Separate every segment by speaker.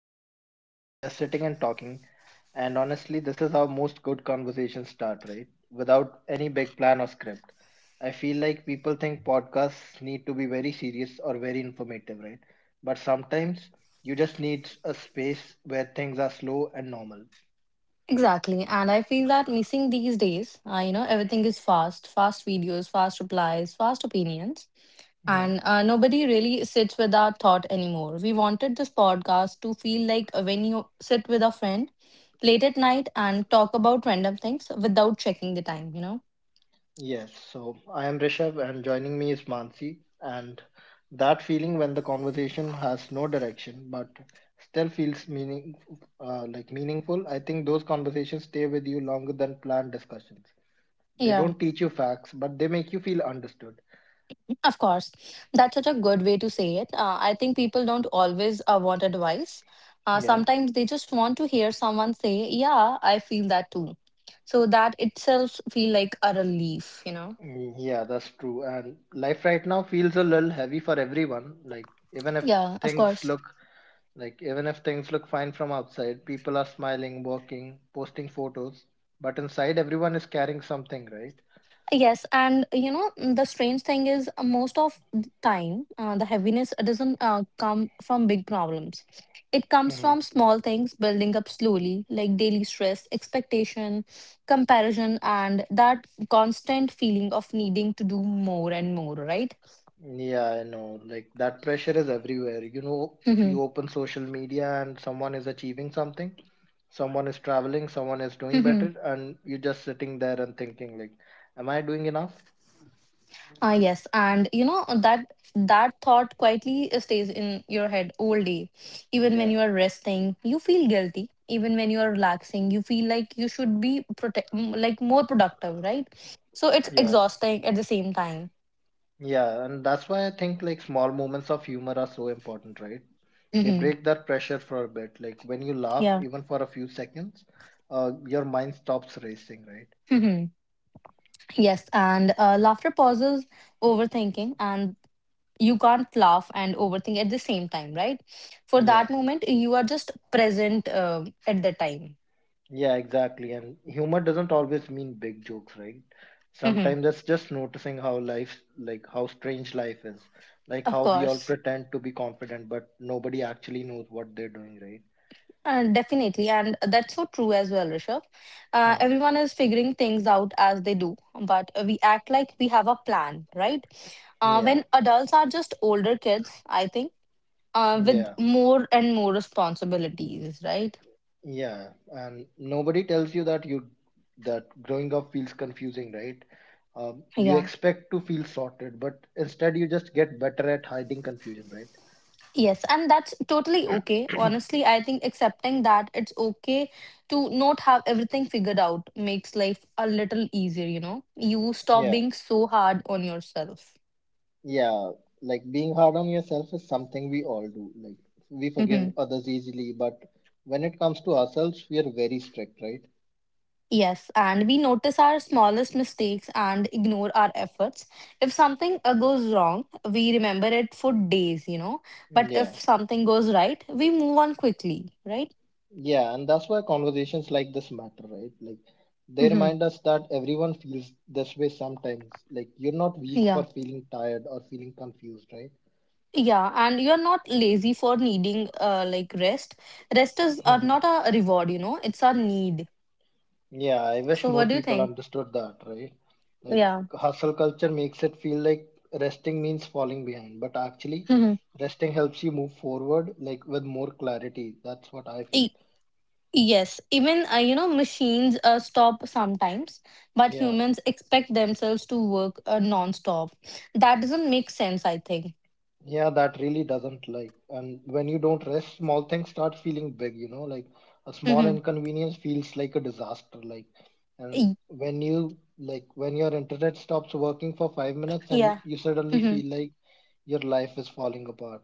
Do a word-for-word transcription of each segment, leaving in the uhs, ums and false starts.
Speaker 1: here again, just sitting and talking. And honestly, this is how most good conversations start, right? Without any big plan or script. I feel like people think podcasts need to be very serious or very informative, right? But sometimes you just need a space where things are slow and normal.
Speaker 2: Exactly. And I feel that missing these days, uh, you know, everything is fast, fast videos, fast replies, fast opinions. And
Speaker 1: Hmm.
Speaker 2: uh, nobody really sits with our thought anymore. We wanted this podcast to feel like when you sit with a friend late at night and talk about random things without checking the time, you know?
Speaker 1: Yes, so I am Rishabh, and joining me is Mansi. And that feeling when the conversation has no direction but still feels meaning, uh, like meaningful. I think those conversations stay with you longer than planned discussions. They
Speaker 2: Yeah.
Speaker 1: don't teach you facts, but they make you feel understood.
Speaker 2: Of course, that's such a good way to say it. Uh, I think people don't always uh, want advice. Uh,
Speaker 1: Yeah.
Speaker 2: sometimes they just want to hear someone say, "Yeah, I feel that too." So that itself feel like a relief, you know.
Speaker 1: Mm, Yeah, that's true. And life right now feels a little heavy for everyone. Like even if
Speaker 2: Yeah, of
Speaker 1: things
Speaker 2: course.
Speaker 1: look like even if things look fine from outside, people are smiling, working, posting photos, but inside everyone is carrying something, right?
Speaker 2: Yes, and you know mm, the strange thing is, uh, most of the time uh, the heaviness uh, doesn't uh, come from big problems. It comes
Speaker 1: hmm
Speaker 2: from small things building up slowly, like daily stress, expectation, comparison, and that constant feeling of needing to do more and more, right?
Speaker 1: Yeah, I know. Like that pressure is everywhere. You know,
Speaker 2: Mm-hmm.
Speaker 1: you open social media and someone is achieving something, someone is traveling, someone is doing better, and you're just sitting there and thinking like, am I doing enough?
Speaker 2: Ah, yes, and you know that that thought quietly uh, stays in your head all day. Even when
Speaker 1: Yeah.
Speaker 2: you are resting, you feel guilty. Even when you are relaxing, you feel like you should be protect m- like more productive, right? So it's
Speaker 1: Yeah.
Speaker 2: exhausting at the same time.
Speaker 1: Yeah, and that's why I think like small moments of humor are so important, right? They
Speaker 2: Hmm.
Speaker 1: break that pressure for a bit. Like when you laugh,
Speaker 2: Yeah.
Speaker 1: even for a few seconds, uh, your mind stops racing, right?
Speaker 2: Hmm. Yes, and uh, laughter pauses overthinking, and you can't laugh and overthink at the same time, right? For that
Speaker 1: Yeah,
Speaker 2: moment, you are just present uh, at the time.
Speaker 1: yeah, exactly. And humor doesn't always mean big jokes, right?
Speaker 2: Hmm.
Speaker 1: Sometimes it's just noticing how life, like how strange life is, like
Speaker 2: Of
Speaker 1: how we all
Speaker 2: course.
Speaker 1: pretend to be confident, but nobody actually knows what they're doing, right?
Speaker 2: Uh, definitely, and that's so true as well, Rishabh. Uh,
Speaker 1: Uh-huh.
Speaker 2: everyone is figuring things out as they do, but we act like we have a plan, right? Uh,
Speaker 1: Yeah,
Speaker 2: when adults are just older kids, I think, uh, with
Speaker 1: yeah.
Speaker 2: more and more responsibilities, right?
Speaker 1: Yeah, and nobody tells you that you that growing up feels confusing, right? Um, you
Speaker 2: Yeah.
Speaker 1: expect to feel sorted, but instead you just get better at hiding confusion, right?
Speaker 2: Yes, and that's totally okay. Honestly, I think accepting that it's okay to not have everything figured out makes life a little easier, you know? You stop
Speaker 1: Yeah,
Speaker 2: being so hard on yourself.
Speaker 1: yeah. Like being hard on yourself is something we all do. Like we forgive
Speaker 2: Mm-hmm.
Speaker 1: others easily, but when it comes to ourselves, we are very strict, right?
Speaker 2: Yes, and we notice our smallest mistakes and ignore our efforts. If something uh, goes wrong, we remember it for days, you know. But if
Speaker 1: Yeah.
Speaker 2: something goes right, we move on quickly, right?
Speaker 1: Yeah, and that's why conversations like this matter, right? Like they
Speaker 2: Hmm.
Speaker 1: remind us that everyone feels this way sometimes. Like you're not weak for
Speaker 2: Yeah.
Speaker 1: feeling tired or feeling confused, right?
Speaker 2: Yeah, and you're not lazy for needing uh, like rest. Rest is, uh,
Speaker 1: Mhm.
Speaker 2: not a reward, you know, it's a need.
Speaker 1: Yeah, I wish
Speaker 2: So
Speaker 1: more
Speaker 2: what do you
Speaker 1: people
Speaker 2: think?
Speaker 1: understood that, right? Like
Speaker 2: Yeah.
Speaker 1: hustle culture makes it feel like resting means falling behind, but actually
Speaker 2: Mm-hmm.
Speaker 1: resting helps you move forward like with more clarity. That's what I feel.
Speaker 2: Yes, even uh, you know machines uh, stop sometimes, but
Speaker 1: Yeah.
Speaker 2: humans expect themselves to work uh, non-stop. That doesn't make sense, I think.
Speaker 1: Yeah, that really doesn't like. And when you don't rest, small things start feeling big, you know, like a small
Speaker 2: Mm-hmm.
Speaker 1: inconvenience feels like a disaster. Like, and when you like, when your internet stops working for five minutes and
Speaker 2: Yeah.
Speaker 1: you suddenly
Speaker 2: Mm-hmm.
Speaker 1: feel like your life is falling apart,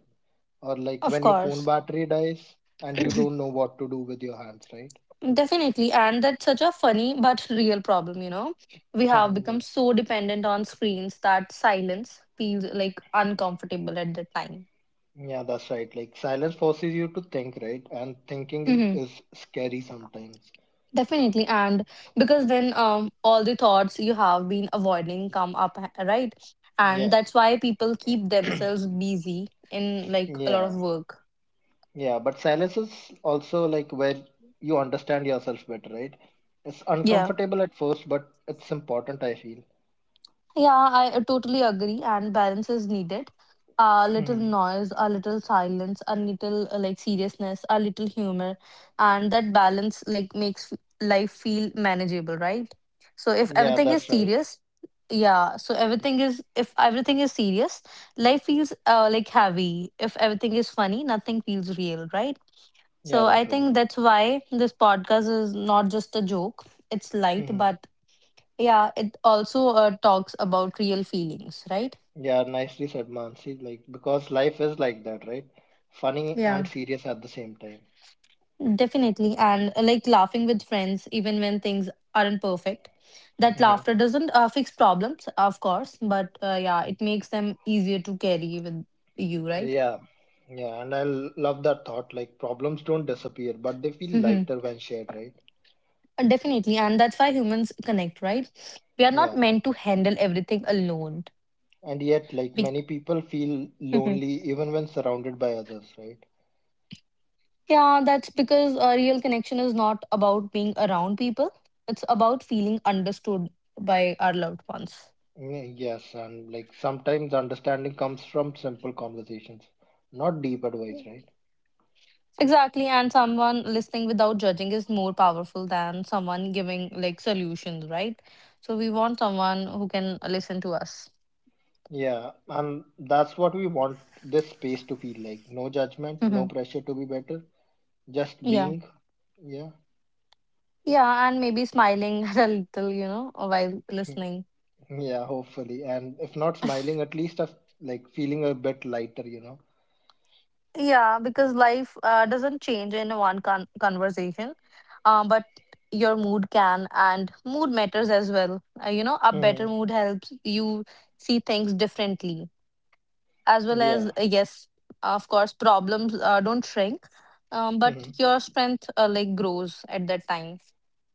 Speaker 1: or like
Speaker 2: Of
Speaker 1: when your phone
Speaker 2: course.
Speaker 1: battery dies and you don't know what to do with your hands, right?
Speaker 2: Definitely. And that's such a funny but real problem, you know. We have become so dependent on screens that silence feels like uncomfortable at the time.
Speaker 1: Yeah, yeah, that's right. Like, silence forces you to think, right? And thinking
Speaker 2: Mm-hmm.
Speaker 1: is scary sometimes.
Speaker 2: Definitely, and because then um, all the thoughts you have been avoiding come up, h- right? And
Speaker 1: Yeah,
Speaker 2: that's why people keep themselves busy in like a lot
Speaker 1: yeah.
Speaker 2: of work.
Speaker 1: Yeah, but silence is also like where you understand yourself better, right? It's
Speaker 2: Yeah.
Speaker 1: uncomfortable at first, but it's important, I feel.
Speaker 2: Yeah, I uh, totally agree. And balance is needed. A little
Speaker 1: Hmm
Speaker 2: noise, a little silence, a little uh, like seriousness, a little humor, and that balance like makes f- life feel manageable, right? So if
Speaker 1: Yeah,
Speaker 2: everything is
Speaker 1: that's right.
Speaker 2: serious, yeah. So everything is if everything is serious, life feels uh, like heavy. If everything is funny, nothing feels real, right?
Speaker 1: Yeah,
Speaker 2: So I
Speaker 1: that's right.
Speaker 2: think that's why this podcast is not just a joke. It's light,
Speaker 1: hmm
Speaker 2: but yeah, it also uh, talks about real feelings, right?
Speaker 1: Yeah, nicely said, Mansi. Like, because life is like that, right? Funny and
Speaker 2: Yeah.
Speaker 1: serious at the same time.
Speaker 2: Definitely. And uh, like laughing with friends, even when things aren't perfect. That
Speaker 1: Hmm
Speaker 2: laughter doesn't uh, fix problems, of course, but uh, yeah, it makes them easier to carry with you, right?
Speaker 1: Yeah, yeah, and I l- love that thought. Like, problems don't disappear, but they feel
Speaker 2: Hmm.
Speaker 1: lighter when shared, right?
Speaker 2: Uh, Definitely. And that's why humans connect, right? We are not
Speaker 1: Yeah,
Speaker 2: meant to handle everything alone.
Speaker 1: and yet, like,
Speaker 2: Be-
Speaker 1: many people feel
Speaker 2: Mhm.
Speaker 1: lonely even when surrounded by others, right?
Speaker 2: Yeah, that's because a real connection is not about being around people, it's about feeling understood by our loved ones.
Speaker 1: Y- Yes, and like sometimes understanding comes from simple conversations, not deep advice, right?
Speaker 2: Exactly, and someone listening without judging is more powerful than someone giving like solutions, right? So we want someone who can listen to us.
Speaker 1: Yeah, and that's what we want this space to feel like. No judgment, no
Speaker 2: Hmm.
Speaker 1: pressure to be better, just
Speaker 2: Yeah.
Speaker 1: being. Yeah,
Speaker 2: Yeah, and maybe smiling a little, you know, while listening.
Speaker 1: yeah, hopefully. And if not smiling, at least of like feeling a bit lighter, you know?
Speaker 2: Yeah, because life uh, doesn't change in one con- conversation, uh, but your mood can, and mood matters as well. Uh, you know, a
Speaker 1: Mm-hmm.
Speaker 2: better mood helps you see things differently. As well as,
Speaker 1: Yeah.
Speaker 2: uh, yes, of course problems uh, don't shrink, um, but
Speaker 1: Mm-hmm.
Speaker 2: your strength, uh, like, grows at that time.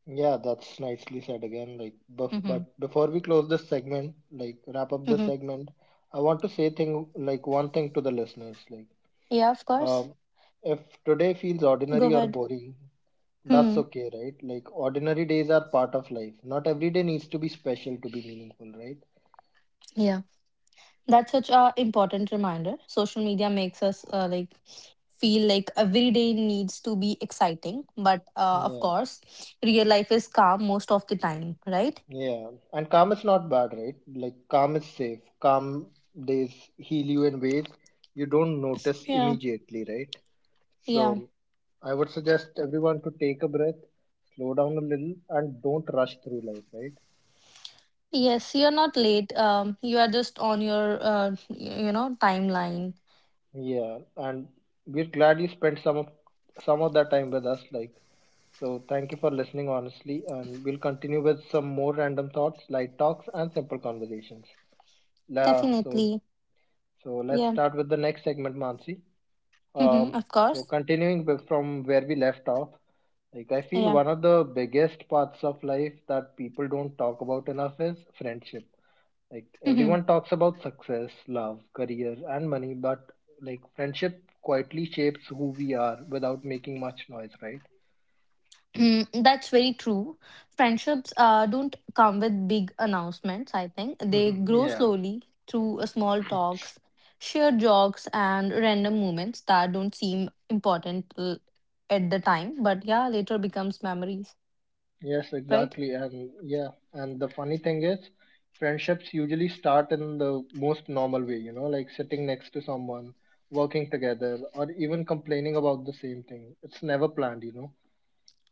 Speaker 1: Yeah, that's nicely said again. Like, bef
Speaker 2: Mm-hmm.
Speaker 1: but before we close this segment, like wrap up this
Speaker 2: Hmm.
Speaker 1: segment, I want to say thing like one thing to the listeners, like
Speaker 2: Yeah, of course.
Speaker 1: Um, if today feels
Speaker 2: Go
Speaker 1: ordinary or
Speaker 2: ahead.
Speaker 1: boring, that's
Speaker 2: Hmm.
Speaker 1: okay, right? Like ordinary days are part of life. Not every day needs to be special to be meaningful, right?
Speaker 2: Yeah. That's such a important reminder. Social media makes us, uh, like, feel like every day needs to be exciting, but, uh, of
Speaker 1: Yeah,
Speaker 2: course, real life is calm most of the time, right?
Speaker 1: yeah. And calm is not bad, right? Like calm is safe. Calm days heal you in ways you don't notice
Speaker 2: Yeah.
Speaker 1: immediately, right?
Speaker 2: Yeah.
Speaker 1: So I would suggest everyone to take a breath, slow down a little, and don't rush through life, right?
Speaker 2: Yes, you're not late. Um you are just on your, uh, y- you know, timeline.
Speaker 1: Yeah, and we're glad you spent some of some of that time with us. Like, so thank you for listening honestly, and we'll continue with some more random thoughts, light talks, and simple conversations. La, so
Speaker 2: Definitely.
Speaker 1: so let's
Speaker 2: Yeah.
Speaker 1: start with the next segment, Mansi. Um,
Speaker 2: Hmm, of
Speaker 1: so
Speaker 2: course.
Speaker 1: continuing with- from where we left off, like I feel
Speaker 2: Yeah.
Speaker 1: one of the biggest parts of life that people don't talk about enough is friendship like
Speaker 2: Hmm.
Speaker 1: everyone talks about success, love, career, and money, but like friendship quietly shapes who we are without making much noise, right?
Speaker 2: Mm, that's very true. Friendships uh, don't come with big announcements, I think. They grow
Speaker 1: yeah.
Speaker 2: slowly through uh, small talks, shared jokes, and random moments that don't seem important uh, at the time, but yeah, later becomes memories,
Speaker 1: Yes,
Speaker 2: right?
Speaker 1: exactly. And yeah, and the funny thing is, friendships usually start in the most normal way, you know, like sitting next to someone, working together, or even complaining about the same thing. It's never planned, you know.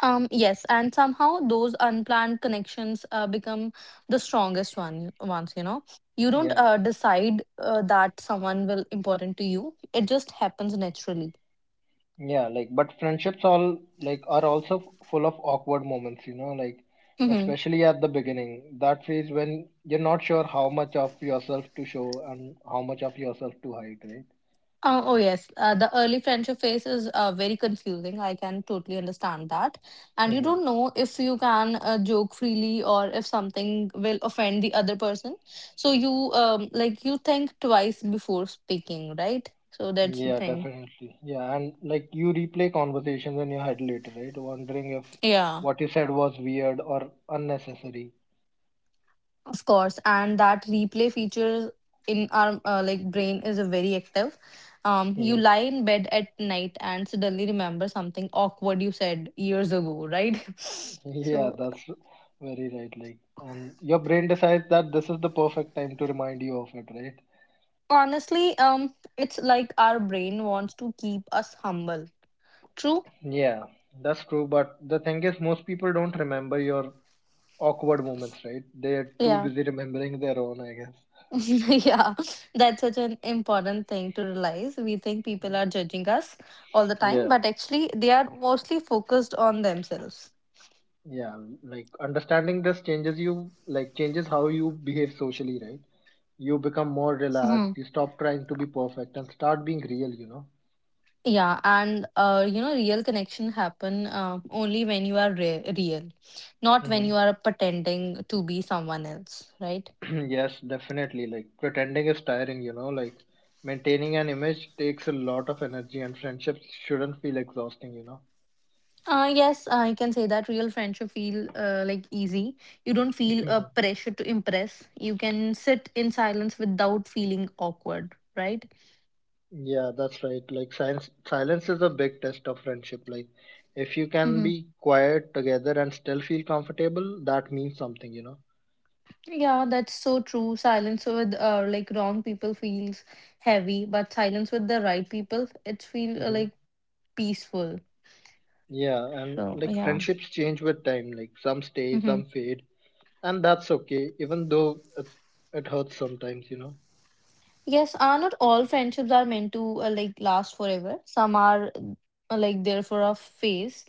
Speaker 2: Um, yes, and somehow those unplanned connections uh, become the strongest one once, you know. You don't
Speaker 1: Yeah.
Speaker 2: uh, decide uh, that someone will important to you. It just happens naturally.
Speaker 1: Yeah, like but friendships all like are also f- full of awkward moments, you know, like
Speaker 2: Hmm.
Speaker 1: especially at the beginning, that phase when you're not sure how much of yourself to show and how much of yourself to hide, right?
Speaker 2: Uh, oh yes, uh, the early friendship phase is uh, very confusing. I can totally understand that. And you
Speaker 1: hmm
Speaker 2: don't know if you can uh, joke freely or if something will offend the other person. So you, um, like, you think twice before speaking, right? So that's the
Speaker 1: Yeah,
Speaker 2: thing.
Speaker 1: definitely. Yeah, and like you replay conversations in your head later, right? Wondering if
Speaker 2: Yeah.
Speaker 1: what you said was weird or unnecessary.
Speaker 2: Of course, and that replay feature in our uh, like brain is a very active. Um, you
Speaker 1: Hmm
Speaker 2: lie in bed at night and suddenly remember something awkward you said years ago, right?
Speaker 1: Yeah,
Speaker 2: So
Speaker 1: that's very right. Like, and your brain decides that this is the perfect time to remind you of it, right?
Speaker 2: honestly, um, it's like our brain wants to keep us humble. True?
Speaker 1: Yeah, that's true. But the thing is, most people don't remember your awkward moments, right? They're too
Speaker 2: Yeah.
Speaker 1: busy remembering their own, I guess.
Speaker 2: Yeah, that's such an important thing to realize. We think people are judging us all the time,
Speaker 1: Yeah,
Speaker 2: but actually, they are mostly focused on themselves.
Speaker 1: yeah. Like understanding this changes you, like changes how you behave socially, right? You become more relaxed.
Speaker 2: Hmm.
Speaker 1: You stop trying to be perfect and start being real. You know.
Speaker 2: Yeah, and uh, you know, real connection happen uh, only when you are re real, not when
Speaker 1: Mm-hmm.
Speaker 2: you are pretending to be someone else, right?
Speaker 1: Yes, definitely. Like pretending is tiring. You know, like maintaining an image takes a lot of energy, and friendships shouldn't feel exhausting. You know.
Speaker 2: Uh, yes, I can say that real friendship feel uh, like easy. You don't feel a pressure to impress. You can sit in silence without feeling awkward, right?
Speaker 1: Yeah, that's right. Like silence, silence is a big test of friendship. Like if you can
Speaker 2: Mm-hmm.
Speaker 1: be quiet together and still feel comfortable, that means something, you know.
Speaker 2: Yeah, that's so true. Silence with uh, like wrong people feels heavy, but silence with the right people, it feel uh,
Speaker 1: Hmm
Speaker 2: like peaceful.
Speaker 1: Yeah, and
Speaker 2: So
Speaker 1: like
Speaker 2: yeah.
Speaker 1: friendships change with time. Like some stay,
Speaker 2: Mm-hmm.
Speaker 1: some fade, and that's okay. Even though it, it hurts sometimes, you know.
Speaker 2: Yes, uh, not all friendships are meant to uh, like last forever. Some are uh, like there for a phase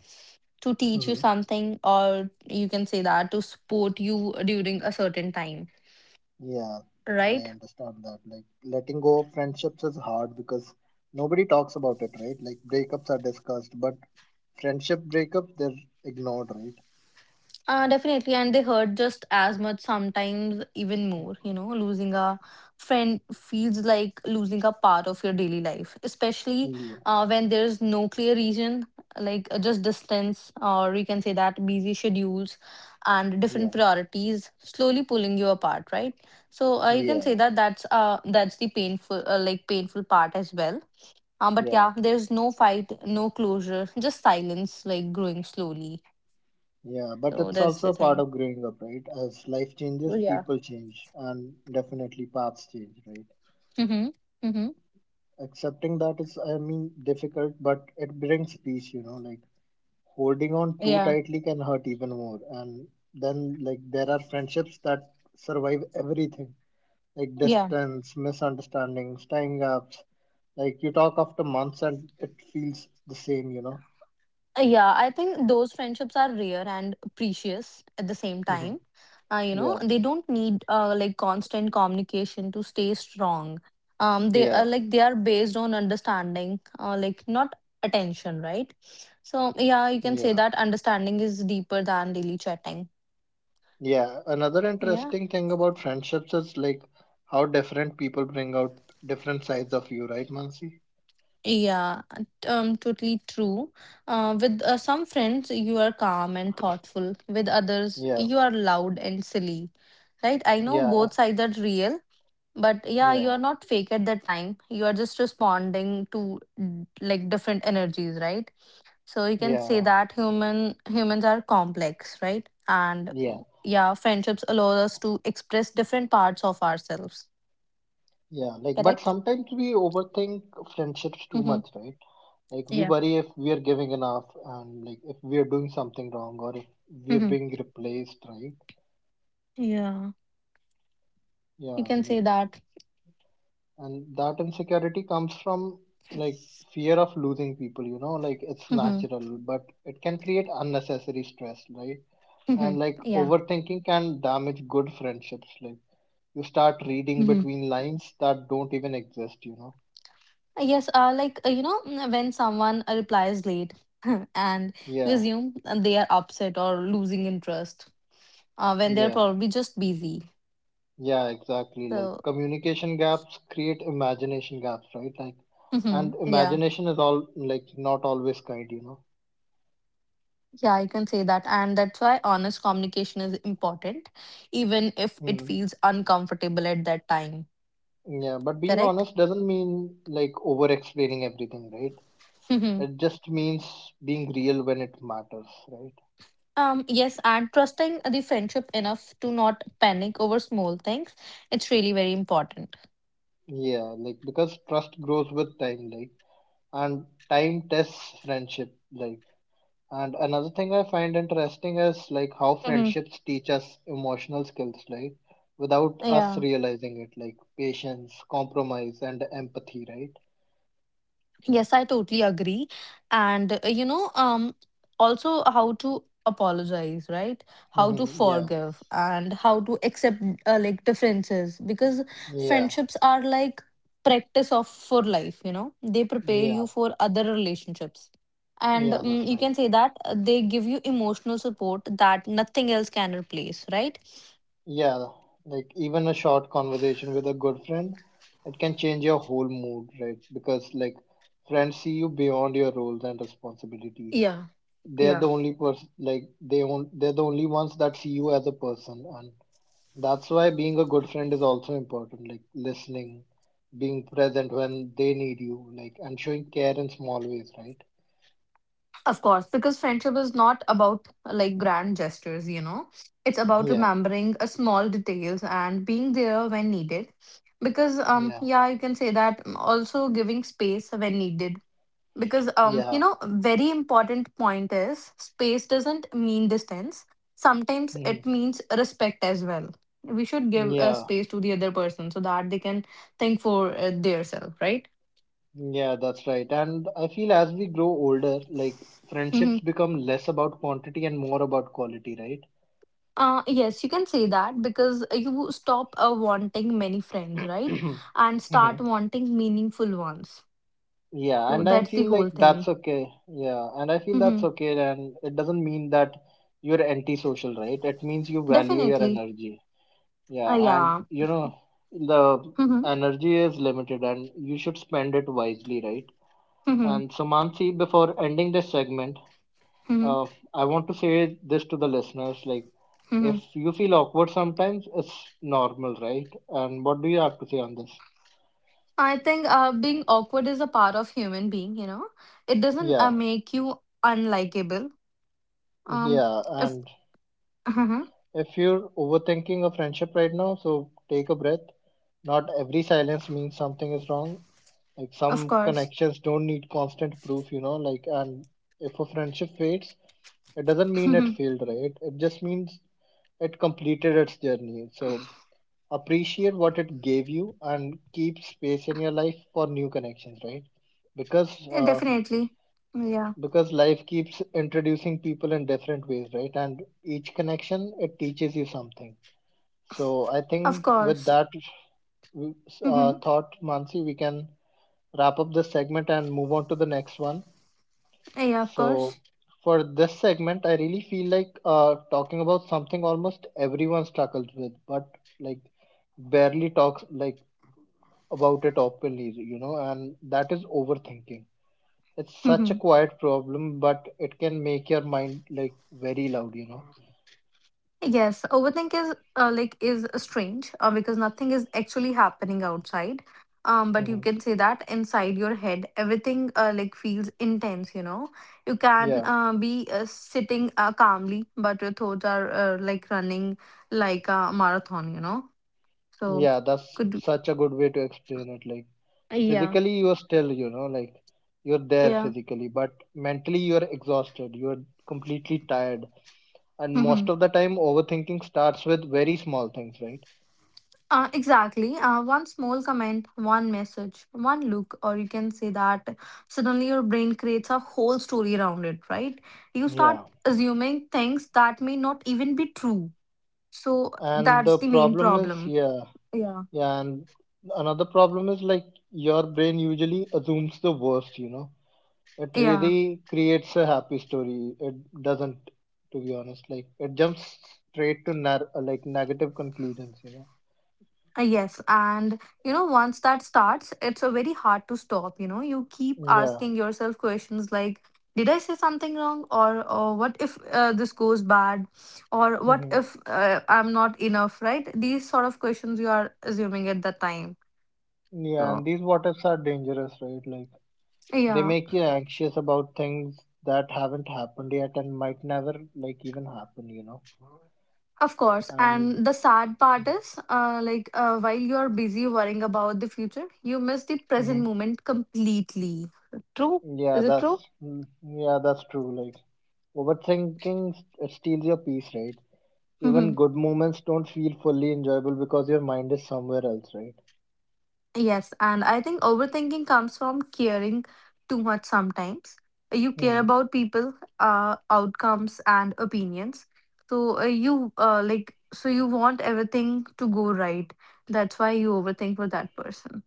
Speaker 2: to teach you
Speaker 1: Hmm
Speaker 2: something, or you can say that to support you during a certain time,
Speaker 1: Yeah, I
Speaker 2: right?
Speaker 1: understand that. Like letting go of friendships is hard because nobody talks about it, right? Like breakups are discussed, but friendship breakups they're ignored, right?
Speaker 2: Uh, definitely, and they hurt just as much, sometimes even more. You know, losing a friend feels like losing a part of your daily life, especially
Speaker 1: Yeah,
Speaker 2: uh, when there's no clear reason, like, uh, just distance, or you can say that busy schedules and different
Speaker 1: yeah.
Speaker 2: priorities slowly pulling you apart, right? So, uh, you can say
Speaker 1: Yeah,
Speaker 2: that that's uh that's the painful, uh, like painful part as well. Um, but
Speaker 1: yeah,
Speaker 2: yeah, there's no fight, no closure, just silence, like growing slowly.
Speaker 1: yeah. But
Speaker 2: So
Speaker 1: it's
Speaker 2: that's
Speaker 1: also
Speaker 2: the
Speaker 1: a part
Speaker 2: thing.
Speaker 1: of growing up, right? As life changes,
Speaker 2: Yeah.
Speaker 1: people change, and definitely paths change, right?
Speaker 2: Mm-hmm. Mm-hmm.
Speaker 1: Accepting that is, I mean, difficult, but it brings peace, you know, like holding on too
Speaker 2: Yeah.
Speaker 1: tightly can hurt even more. And then, like, there are friendships that survive everything, like
Speaker 2: Yeah.
Speaker 1: distance, misunderstandings, time gaps. Like, you talk after months and it feels the same, you know?
Speaker 2: Uh, Yeah. I think those friendships are rare and precious at the same time. Uh, you know,
Speaker 1: yeah,
Speaker 2: they don't need uh, like constant communication to stay strong. Um, they are
Speaker 1: yeah,
Speaker 2: like they are based on understanding, uh, like not attention, right? So yeah, you can say
Speaker 1: yeah.
Speaker 2: that understanding is deeper than daily chatting.
Speaker 1: Yeah, another
Speaker 2: Yeah.
Speaker 1: interesting thing about friendships is like how different people bring out different sides of you, right, Mansi?
Speaker 2: Yeah, t- um, totally true. Uh, with uh, some friends, you are calm and thoughtful. With others,
Speaker 1: Yeah,
Speaker 2: you are loud and silly, right? I know
Speaker 1: yeah,
Speaker 2: both sides are real, but yeah, you
Speaker 1: yeah,
Speaker 2: are not fake at that time. You are just responding to, mm, like, different energies, right? So you can say
Speaker 1: yeah,
Speaker 2: that human humans are complex, right? And,
Speaker 1: yeah,
Speaker 2: mm, yeah, friendships allow us to express different parts of ourselves.
Speaker 1: yeah. Like, but
Speaker 2: Correct?
Speaker 1: sometimes we overthink friendships too
Speaker 2: Mm-hmm.
Speaker 1: much, right? Like, we
Speaker 2: Yeah.
Speaker 1: worry if we are giving enough and like if we are doing something wrong or if we are
Speaker 2: Mm-hmm.
Speaker 1: being replaced, right?
Speaker 2: Yeah. You
Speaker 1: Yeah,
Speaker 2: can say
Speaker 1: like
Speaker 2: that.
Speaker 1: and that insecurity comes from like fear of losing people, you know, like it's
Speaker 2: Mm-hmm.
Speaker 1: natural but it can create unnecessary stress, right?
Speaker 2: Mm-hmm.
Speaker 1: And like
Speaker 2: Yeah.
Speaker 1: overthinking can damage good friendships, like you start reading
Speaker 2: Mm-hmm.
Speaker 1: between lines that don't even exist, you know.
Speaker 2: Yes, uh, like uh, you know, mm, when someone uh, replies late and you
Speaker 1: yeah
Speaker 2: assume uh, they are upset or losing interest, uh, when they're
Speaker 1: yeah
Speaker 2: probably just busy.
Speaker 1: yeah, exactly, like
Speaker 2: So,
Speaker 1: communication gaps create imagination gaps, right? Like and
Speaker 2: mhm, yeah,
Speaker 1: imagination is all like not always kind, you know.
Speaker 2: yeah, I can say that, and that's why honest communication is important, even if it
Speaker 1: Mm.
Speaker 2: feels uncomfortable at that time.
Speaker 1: Yeah, but being
Speaker 2: Correct?
Speaker 1: honest doesn't mean like over explaining everything, right?
Speaker 2: Mhm.
Speaker 1: It just means being real when it matters, right?
Speaker 2: Um, yes, and trusting the friendship enough to not panic over small things, it's really very important.
Speaker 1: Yeah, like because trust grows with time, like and time tests friendship, like. And another thing I find interesting is like how
Speaker 2: Hmm.
Speaker 1: friendships teach us emotional skills, like without us
Speaker 2: Yeah.
Speaker 1: realizing it, like patience, compromise, and empathy, right?
Speaker 2: Yes, I totally agree. And uh, you know, um, also how to apologize, right? How to
Speaker 1: hmm Yeah,
Speaker 2: forgive and how to accept uh, like differences, because
Speaker 1: yeah,
Speaker 2: friendships are like practice of for life, you know. They prepare you
Speaker 1: yeah,
Speaker 2: for other relationships. And
Speaker 1: yeah,
Speaker 2: um,
Speaker 1: that's
Speaker 2: you
Speaker 1: right.
Speaker 2: can say that uh, they give you emotional support that nothing else can replace, right?
Speaker 1: Yeah, like even a short conversation with a good friend, it can change your whole mood, right? Because like friends see you beyond your roles and responsibilities.
Speaker 2: Yeah,
Speaker 1: They're
Speaker 2: yeah.
Speaker 1: the only person, like they on- they're the only ones that see you as a person, and that's why being a good friend is also important. Like listening, being present when they need you, like and showing care in small ways, right?
Speaker 2: Of course, because friendship is not about like grand gestures, you know. It's about
Speaker 1: Yeah,
Speaker 2: remembering a small details and being there when needed. Because um
Speaker 1: yeah,
Speaker 2: yeah, you can say that, um, also giving space when needed. Because um you
Speaker 1: yeah,
Speaker 2: know, very important point is space doesn't mean distance. Sometimes it means respect as well. We should
Speaker 1: Mhm.
Speaker 2: give a
Speaker 1: yeah.
Speaker 2: space to the other person so that they can think for uh, their self, right?
Speaker 1: Yeah, that's right. And I feel as we grow older, like friendships become less about quantity and more about quality, right?
Speaker 2: Uh, yes, you can say that because you stop uh, wanting many friends, right? And start
Speaker 1: Mhm.
Speaker 2: wanting meaningful ones.
Speaker 1: Yeah,
Speaker 2: So
Speaker 1: and I
Speaker 2: that's the
Speaker 1: feel
Speaker 2: whole
Speaker 1: like that's
Speaker 2: thing.
Speaker 1: okay. }Yeah, and I feel that's
Speaker 2: Hmm
Speaker 1: okay. And it doesn't mean that you're antisocial, right? It means you value your
Speaker 2: Definitely.
Speaker 1: energy.
Speaker 2: Uh,
Speaker 1: Yeah, and
Speaker 2: yeah.
Speaker 1: you know, the
Speaker 2: hmm
Speaker 1: energy is limited and you should spend it wisely, right?
Speaker 2: hmm
Speaker 1: And so, Mansi, before ending this segment, uh,
Speaker 2: hmm
Speaker 1: I want to say this to the listeners like,
Speaker 2: hmm
Speaker 1: if you feel awkward sometimes, it's normal, right? And what do you have to say on this?
Speaker 2: I think uh, being awkward is a part of human being, you know. It doesn't uh,
Speaker 1: Yeah,
Speaker 2: make you unlikable. Um,
Speaker 1: yeah.
Speaker 2: if,
Speaker 1: And
Speaker 2: Mhm.
Speaker 1: if you're overthinking a friendship right now, so take a breath. Not every silence means something is wrong. Like
Speaker 2: Of
Speaker 1: some
Speaker 2: course.
Speaker 1: connections don't need constant proof, you know. Like, and if a friendship fades, it doesn't mean it
Speaker 2: Mhm.
Speaker 1: failed, right? It just means it completed its journey. So appreciate what it gave you and keep space in your life for new connections, right? Because
Speaker 2: Yeah,
Speaker 1: uh,
Speaker 2: definitely. Yeah,
Speaker 1: because life keeps introducing people in different ways, right? And each connection, it teaches you something. So I
Speaker 2: of
Speaker 1: think with
Speaker 2: course.
Speaker 1: that w- uh,
Speaker 2: Hmm
Speaker 1: thought, Mansi, we can wrap up this segment and move on to the next one.
Speaker 2: Yeah, of
Speaker 1: So,
Speaker 2: course.
Speaker 1: for this segment, I really feel like uh, talking about something almost everyone struggles with, but like barely talks, like about it openly, you know, and that is overthinking. It's
Speaker 2: Mm-hmm.
Speaker 1: such a quiet problem, but it can make your mind like very loud, you know.
Speaker 2: Yes, overthink is uh, like is strange uh, because nothing is actually happening outside. Um, but you
Speaker 1: Hmm.
Speaker 2: can say that inside your head, everything uh, like feels intense. You know, you can
Speaker 1: Yeah,
Speaker 2: uh, be uh, sitting uh, calmly, but your thoughts are uh, like running like a marathon. You know, so
Speaker 1: yeah, that's
Speaker 2: could
Speaker 1: such a good way to explain it. Like
Speaker 2: yeah,
Speaker 1: physically, you are still, you know, like you're there
Speaker 2: yeah.
Speaker 1: physically, but mentally, you are exhausted, you're completely tired, and most of the time, overthinking starts with very small things, right?
Speaker 2: Uh, exactly. Uh, one small comment, one message, one look, or you can say that suddenly your brain creates a whole story around it, right? You start
Speaker 1: Yeah,
Speaker 2: assuming things that may not even be true. So
Speaker 1: and the
Speaker 2: that's the main
Speaker 1: problem is,
Speaker 2: problem.
Speaker 1: yeah.
Speaker 2: Yeah.
Speaker 1: Yeah, and another problem is like your brain usually assumes the worst, you know. It
Speaker 2: Yeah.
Speaker 1: really creates a happy story. It doesn't, to be honest. Like it jumps straight to nar- uh, like negative conclusions, you know.
Speaker 2: Uh, Yes, and you know, once that starts, it's a very hard to stop. You know, you keep
Speaker 1: Yeah.
Speaker 2: asking yourself questions like, "Did I say something wrong?" or "Or what if uh, this goes bad?" or "What
Speaker 1: Mhm.
Speaker 2: if uh, I'm not enough?" Right? These sort of questions you are assuming at the time.
Speaker 1: Yeah, and
Speaker 2: So
Speaker 1: these what ifs are dangerous, right? Like they
Speaker 2: yeah.
Speaker 1: make you anxious about things that haven't happened yet and might never like even happen, you know.
Speaker 2: Of course,
Speaker 1: And
Speaker 2: and the sad part is, uh, like, uh, while you're busy worrying about the future, you miss the present
Speaker 1: hmm,
Speaker 2: moment completely. True?
Speaker 1: yeah,
Speaker 2: Is it true?
Speaker 1: that's mm, yeah, that's true. Like overthinking st- steals your peace, right? Even good moments don't feel fully enjoyable because your mind is somewhere else, right?
Speaker 2: Yes, and I think overthinking comes from caring too much sometimes. You care
Speaker 1: Hmm.
Speaker 2: about people, uh, outcomes and opinions. So uh, you uh, like so you want everything to go right. That's why you overthink for that person.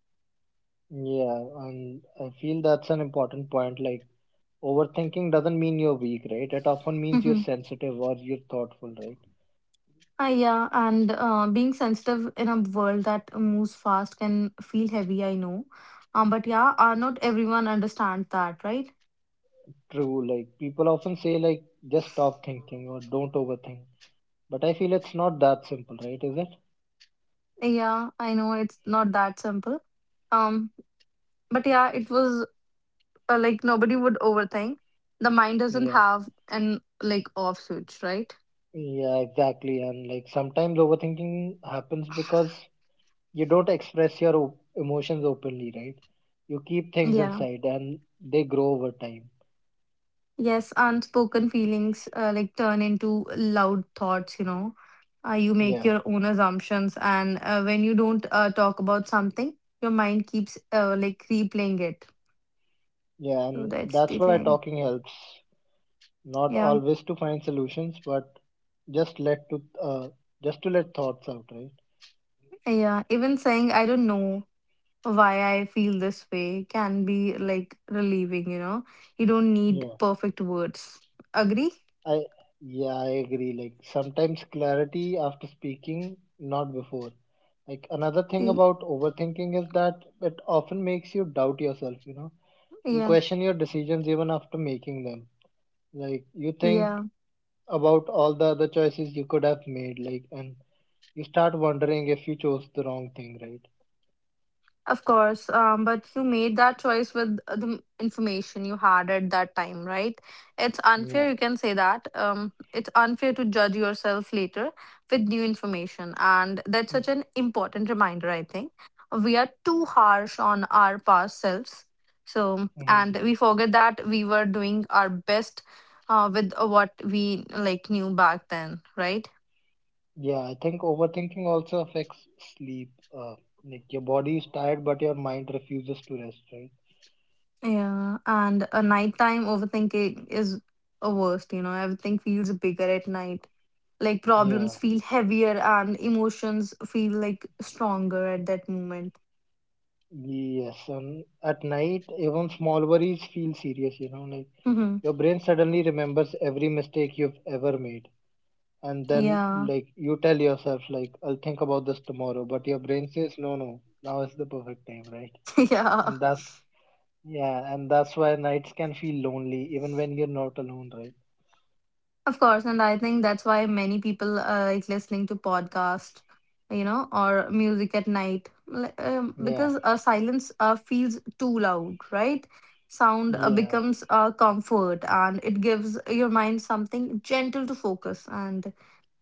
Speaker 1: Yeah, and I feel that's an important point. Like, overthinking doesn't mean you're weak, right? It often means you're
Speaker 2: Mhm.
Speaker 1: sensitive or you're thoughtful, right?
Speaker 2: Ah, yeah, and uh, being sensitive in a world that moves fast can feel heavy, I know. Um, but yeah, uh, not everyone understands that, right?
Speaker 1: True, like, people often say, like, just stop thinking or don't overthink. But I feel it's not that simple, right? Is it?
Speaker 2: Yeah, I know it's not that simple. Um, but yeah, it was uh, Like nobody would overthink. The mind doesn't
Speaker 1: Yeah,
Speaker 2: have an like off switch, right?
Speaker 1: yeah, exactly. And like sometimes overthinking happens because you don't express your op- emotions openly, right? You keep things
Speaker 2: Yeah.
Speaker 1: inside and they grow over time.
Speaker 2: Yes, unspoken feelings uh, like turn into loud thoughts, you know. Uh, you make
Speaker 1: Yeah.
Speaker 2: your own assumptions, and uh, when you don't uh, talk about something, your mind keeps uh, like replaying it.
Speaker 1: Yeah.
Speaker 2: So
Speaker 1: And
Speaker 2: that's the
Speaker 1: that's why
Speaker 2: thing.
Speaker 1: talking helps. Not
Speaker 2: Yeah.
Speaker 1: always to find solutions, but just let to, uh, just to let thoughts out, right?
Speaker 2: Yeah. Even saying, I don't know why I feel this way can be like relieving, you know. You don't need
Speaker 1: Yeah.
Speaker 2: perfect words. Agree?
Speaker 1: I, yeah, I agree. Like sometimes clarity after speaking, not before. Like another thing
Speaker 2: Y-
Speaker 1: about overthinking is that it often makes you doubt yourself, you know. You
Speaker 2: Yeah.
Speaker 1: question your decisions even after making them. Like you think
Speaker 2: Yeah,
Speaker 1: about all the other choices you could have made, like, and you start wondering if you chose the wrong thing, right?
Speaker 2: of course. Um, but you made that choice with uh, the m- information you had at that time, right? It's
Speaker 1: Yeah.
Speaker 2: unfair, you can say that. Um, it's unfair to judge yourself later with new information. And that's such an important reminder, I think. We are too harsh on our past selves. So,
Speaker 1: Mm-hmm.
Speaker 2: and we forget that we were doing our best uh, with uh, what we like knew back then, right?
Speaker 1: Yeah, I think overthinking also affects sleep, uh, like your body is tired but your mind refuses to rest, right?
Speaker 2: Yeah, and a nighttime overthinking is a worst, you know. Everything feels bigger at night. Like
Speaker 1: Yeah.
Speaker 2: problems feel heavier and emotions feel like stronger at that moment.
Speaker 1: Yes, and at night even small worries feel serious, you know. Like
Speaker 2: Hmm
Speaker 1: your brain suddenly remembers every mistake you've ever made, and then
Speaker 2: Yeah.
Speaker 1: like you tell yourself like I'll think about this tomorrow, but your brain says no, no, now is the perfect time, right?
Speaker 2: Yeah.
Speaker 1: And that's, yeah, and that's why nights can feel lonely even when you're not alone, right?
Speaker 2: Of course, and I think that's why many people uh, like listening to podcast, you know, or music at night, li- um,
Speaker 1: Yeah,
Speaker 2: because uh, silence uh, feels too loud, right? Sound uh,
Speaker 1: yeah,
Speaker 2: becomes uh, comfort, and it gives your mind something gentle to focus. And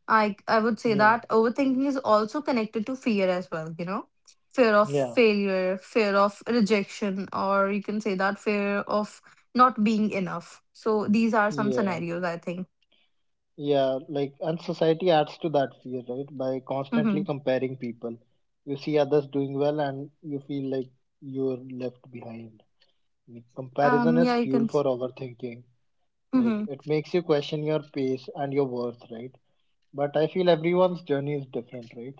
Speaker 2: I I would say
Speaker 1: yeah,
Speaker 2: that overthinking is also connected to fear as well, you know, fear of
Speaker 1: yeah,
Speaker 2: failure, fear of rejection, or you can say that fear of not being enough. So these are some
Speaker 1: yeah,
Speaker 2: scenarios I think.
Speaker 1: yeah. Like, and society adds to that fear, right? By constantly
Speaker 2: Hmm
Speaker 1: comparing people. You see others doing well and you feel like you're left behind. Like, comparison
Speaker 2: Um,
Speaker 1: is
Speaker 2: yeah, you
Speaker 1: fuel
Speaker 2: can.
Speaker 1: for overthinking. Like,
Speaker 2: Mm-hmm,
Speaker 1: it makes you question your pace and your worth, right? But I feel everyone's journey is different, right?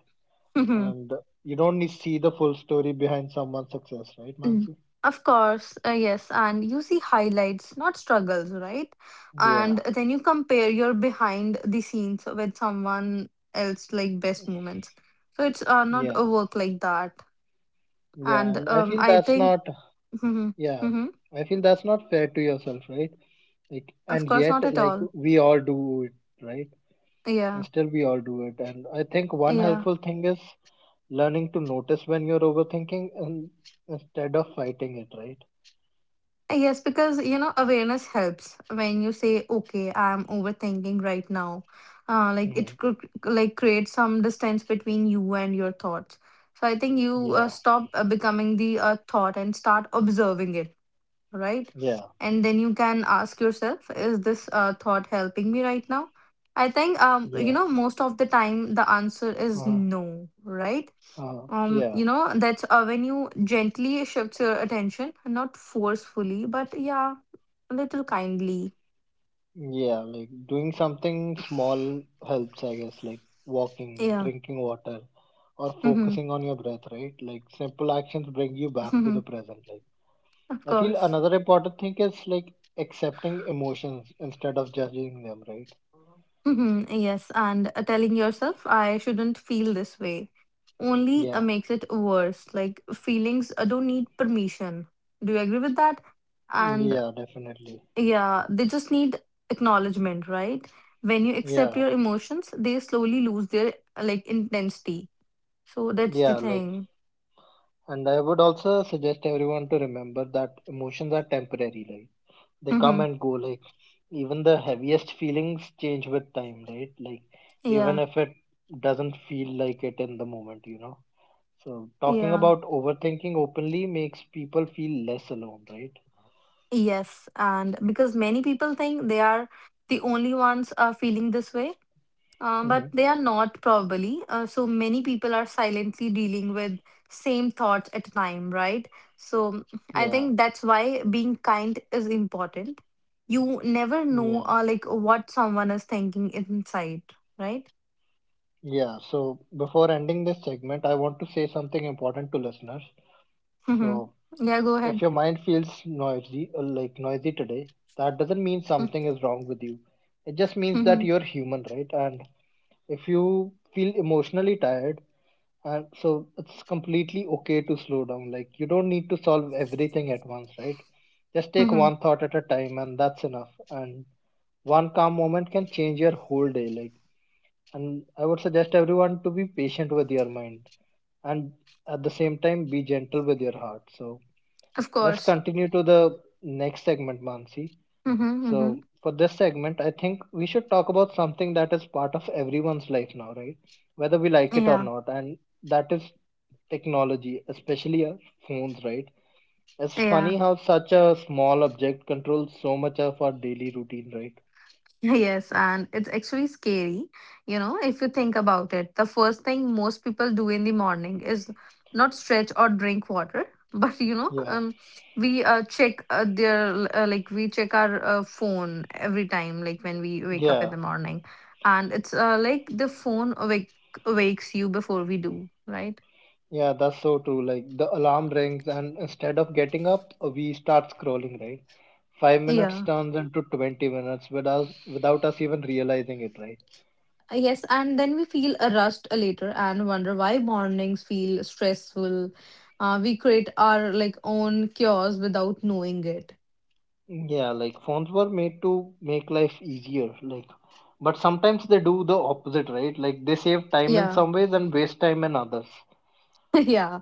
Speaker 2: mm-hmm.
Speaker 1: And you don't need see the full story behind someone's success, right,
Speaker 2: Mm.
Speaker 1: Mansi?
Speaker 2: Of course, uh, yes. And you see highlights, not struggles, right? And
Speaker 1: Yeah,
Speaker 2: then you compare your behind the scenes with someone else, like best moments. So it's uh, not a
Speaker 1: yeah
Speaker 2: work like that.
Speaker 1: yeah
Speaker 2: And
Speaker 1: and I
Speaker 2: um,
Speaker 1: feel
Speaker 2: I
Speaker 1: that's
Speaker 2: think,
Speaker 1: not
Speaker 2: mm-hmm,
Speaker 1: yeah,
Speaker 2: mm-hmm.
Speaker 1: I feel that's not fair to yourself, right? Like,
Speaker 2: Of
Speaker 1: and
Speaker 2: course,
Speaker 1: yet
Speaker 2: not at
Speaker 1: like
Speaker 2: all.
Speaker 1: we all do it right
Speaker 2: Yeah,
Speaker 1: and still we all do it. And I think one
Speaker 2: yeah.
Speaker 1: helpful thing is learning to notice when you're overthinking and instead of fighting it, right?
Speaker 2: Yes, because you know, awareness helps when you say, okay, I'm overthinking right now. Uh, like
Speaker 1: Hmm.
Speaker 2: it could like create some distance between you and your thoughts. So I think you uh,
Speaker 1: Yeah.
Speaker 2: stop uh, becoming the uh, thought and start observing it, right?
Speaker 1: Yeah.
Speaker 2: And then you can ask yourself, is this uh, thought helping me right now? I think um you
Speaker 1: Yeah.
Speaker 2: know most of the time the answer is
Speaker 1: Uh-huh.
Speaker 2: no, right?
Speaker 1: uh huh.
Speaker 2: Um
Speaker 1: Yeah.
Speaker 2: you know that's uh, when you gently shift your attention, not forcefully, but yeah, a little kindly.
Speaker 1: Yeah, like doing something small helps, I guess, like walking,
Speaker 2: Yeah.
Speaker 1: drinking water, or
Speaker 2: Mm-hmm.
Speaker 1: focusing on your breath, right? Like simple actions bring you back to
Speaker 2: Mm-hmm.
Speaker 1: the present. Like
Speaker 2: Of
Speaker 1: I feel
Speaker 2: course.
Speaker 1: another important thing is like accepting emotions instead of judging them, right?
Speaker 2: Hmm Yes, and uh, telling yourself I shouldn't feel this way only uh,
Speaker 1: Yeah,
Speaker 2: makes it worse. Like feelings uh, don't need permission. Do you agree with that? And
Speaker 1: yeah, definitely.
Speaker 2: yeah, they just need acknowledgement, right? When you accept
Speaker 1: Yeah,
Speaker 2: your emotions they slowly lose their uh, like intensity. So that's the
Speaker 1: yeah, like,
Speaker 2: thing.
Speaker 1: and I would also suggest everyone to remember that emotions are temporary, like, they come
Speaker 2: Mm-hmm.
Speaker 1: and go, like, even the heaviest feelings change with time, right? Like, even
Speaker 2: Yeah,
Speaker 1: if it doesn't feel like it in the moment, you know. So, talking
Speaker 2: yeah,
Speaker 1: about overthinking openly makes people feel less alone, right?
Speaker 2: yes. And because many people think they are the only ones are feeling this way, uh,
Speaker 1: Hmm.
Speaker 2: but they are not probably. Uh, so many people are silently dealing with same thoughts at a time, right? So I
Speaker 1: Yeah,
Speaker 2: think that's why being kind is important. You never know,
Speaker 1: yeah,
Speaker 2: uh, like what someone is thinking inside, right?
Speaker 1: yeah. So, before ending this segment, I want to say something important to listeners. So,
Speaker 2: Mm-hmm. Yeah, go
Speaker 1: if
Speaker 2: ahead.
Speaker 1: your mind feels noisy, uh, like noisy today, that doesn't mean
Speaker 2: Mm-hmm.
Speaker 1: something is wrong with you. It just means that
Speaker 2: Mm-hmm.
Speaker 1: you're human, right? And if you feel emotionally tired, and so it's completely okay to slow down. Like you don't need to solve everything at once, right? Just take
Speaker 2: Mm-hmm.
Speaker 1: one thought at a time and that's enough. And one calm moment can change your whole day. Like and I would suggest everyone to be patient with your mind and at the same time be gentle with your heart. So
Speaker 2: Of
Speaker 1: let's
Speaker 2: course.
Speaker 1: continue to the next segment, Mansi.
Speaker 2: Mm-hmm. Mm-hmm.
Speaker 1: So, for this segment, I think we should talk about something that is part of everyone's life now, right? Whether we like it or
Speaker 2: Yeah.
Speaker 1: not, and that is technology, especially our phones, right? It's
Speaker 2: Yeah.
Speaker 1: funny how such a small object controls so much of our daily routine, right?
Speaker 2: Yes, and it's actually scary. You know, if you think about it, the first thing most people do in the morning is not stretch or drink water, but you know,
Speaker 1: Yeah,
Speaker 2: um, we uh, check uh, their uh, like we check our uh, phone every time, like when we wake up in
Speaker 1: yeah,
Speaker 2: the morning, and it's uh, like the phone awake wakes you before we do, right?
Speaker 1: yeah, that's so true. Like the alarm rings, and instead of getting up, we start scrolling, right? Five minutes
Speaker 2: Yeah.
Speaker 1: turns into twenty minutes without, without us even realizing it, right?
Speaker 2: Uh, Yes, and then we feel a rust later and wonder why mornings feel stressful. Uh, we create our like own cures without knowing it.
Speaker 1: Yeah, like phones were made to make life easier, like but sometimes they do the opposite, right? Like they save time in
Speaker 2: Yeah,
Speaker 1: some ways and waste time in others.
Speaker 2: yeah.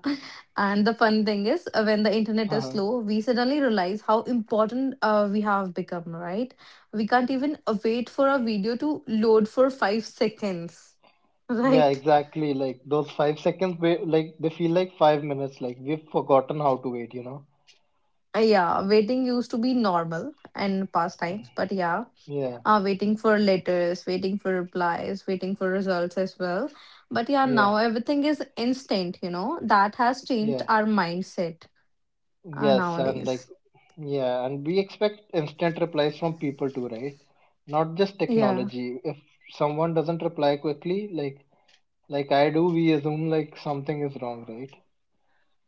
Speaker 2: And the fun thing is, uh, when the internet is
Speaker 1: Uh-huh.
Speaker 2: slow, we suddenly realize how important uh, we have become, right? We can't even uh, wait for a video to load for five seconds,
Speaker 1: Yeah,
Speaker 2: right?
Speaker 1: exactly. Like those five seconds, wa- like they feel like five minutes. Like we've forgotten how to wait, you know?
Speaker 2: Uh, Yeah, waiting used to be normal in past times, but yeah,
Speaker 1: Yeah,
Speaker 2: uh, waiting for letters, waiting for replies, waiting for results as well. But yeah, now
Speaker 1: yeah,
Speaker 2: everything is instant, you know, that has changed
Speaker 1: yeah.
Speaker 2: our mindset uh,
Speaker 1: Yes, and like,
Speaker 2: nowadays.
Speaker 1: yeah, and we expect instant replies from people too, right? Not just
Speaker 2: Yeah.
Speaker 1: technology. If someone doesn't reply quickly, like like I do, we assume like something is wrong, right?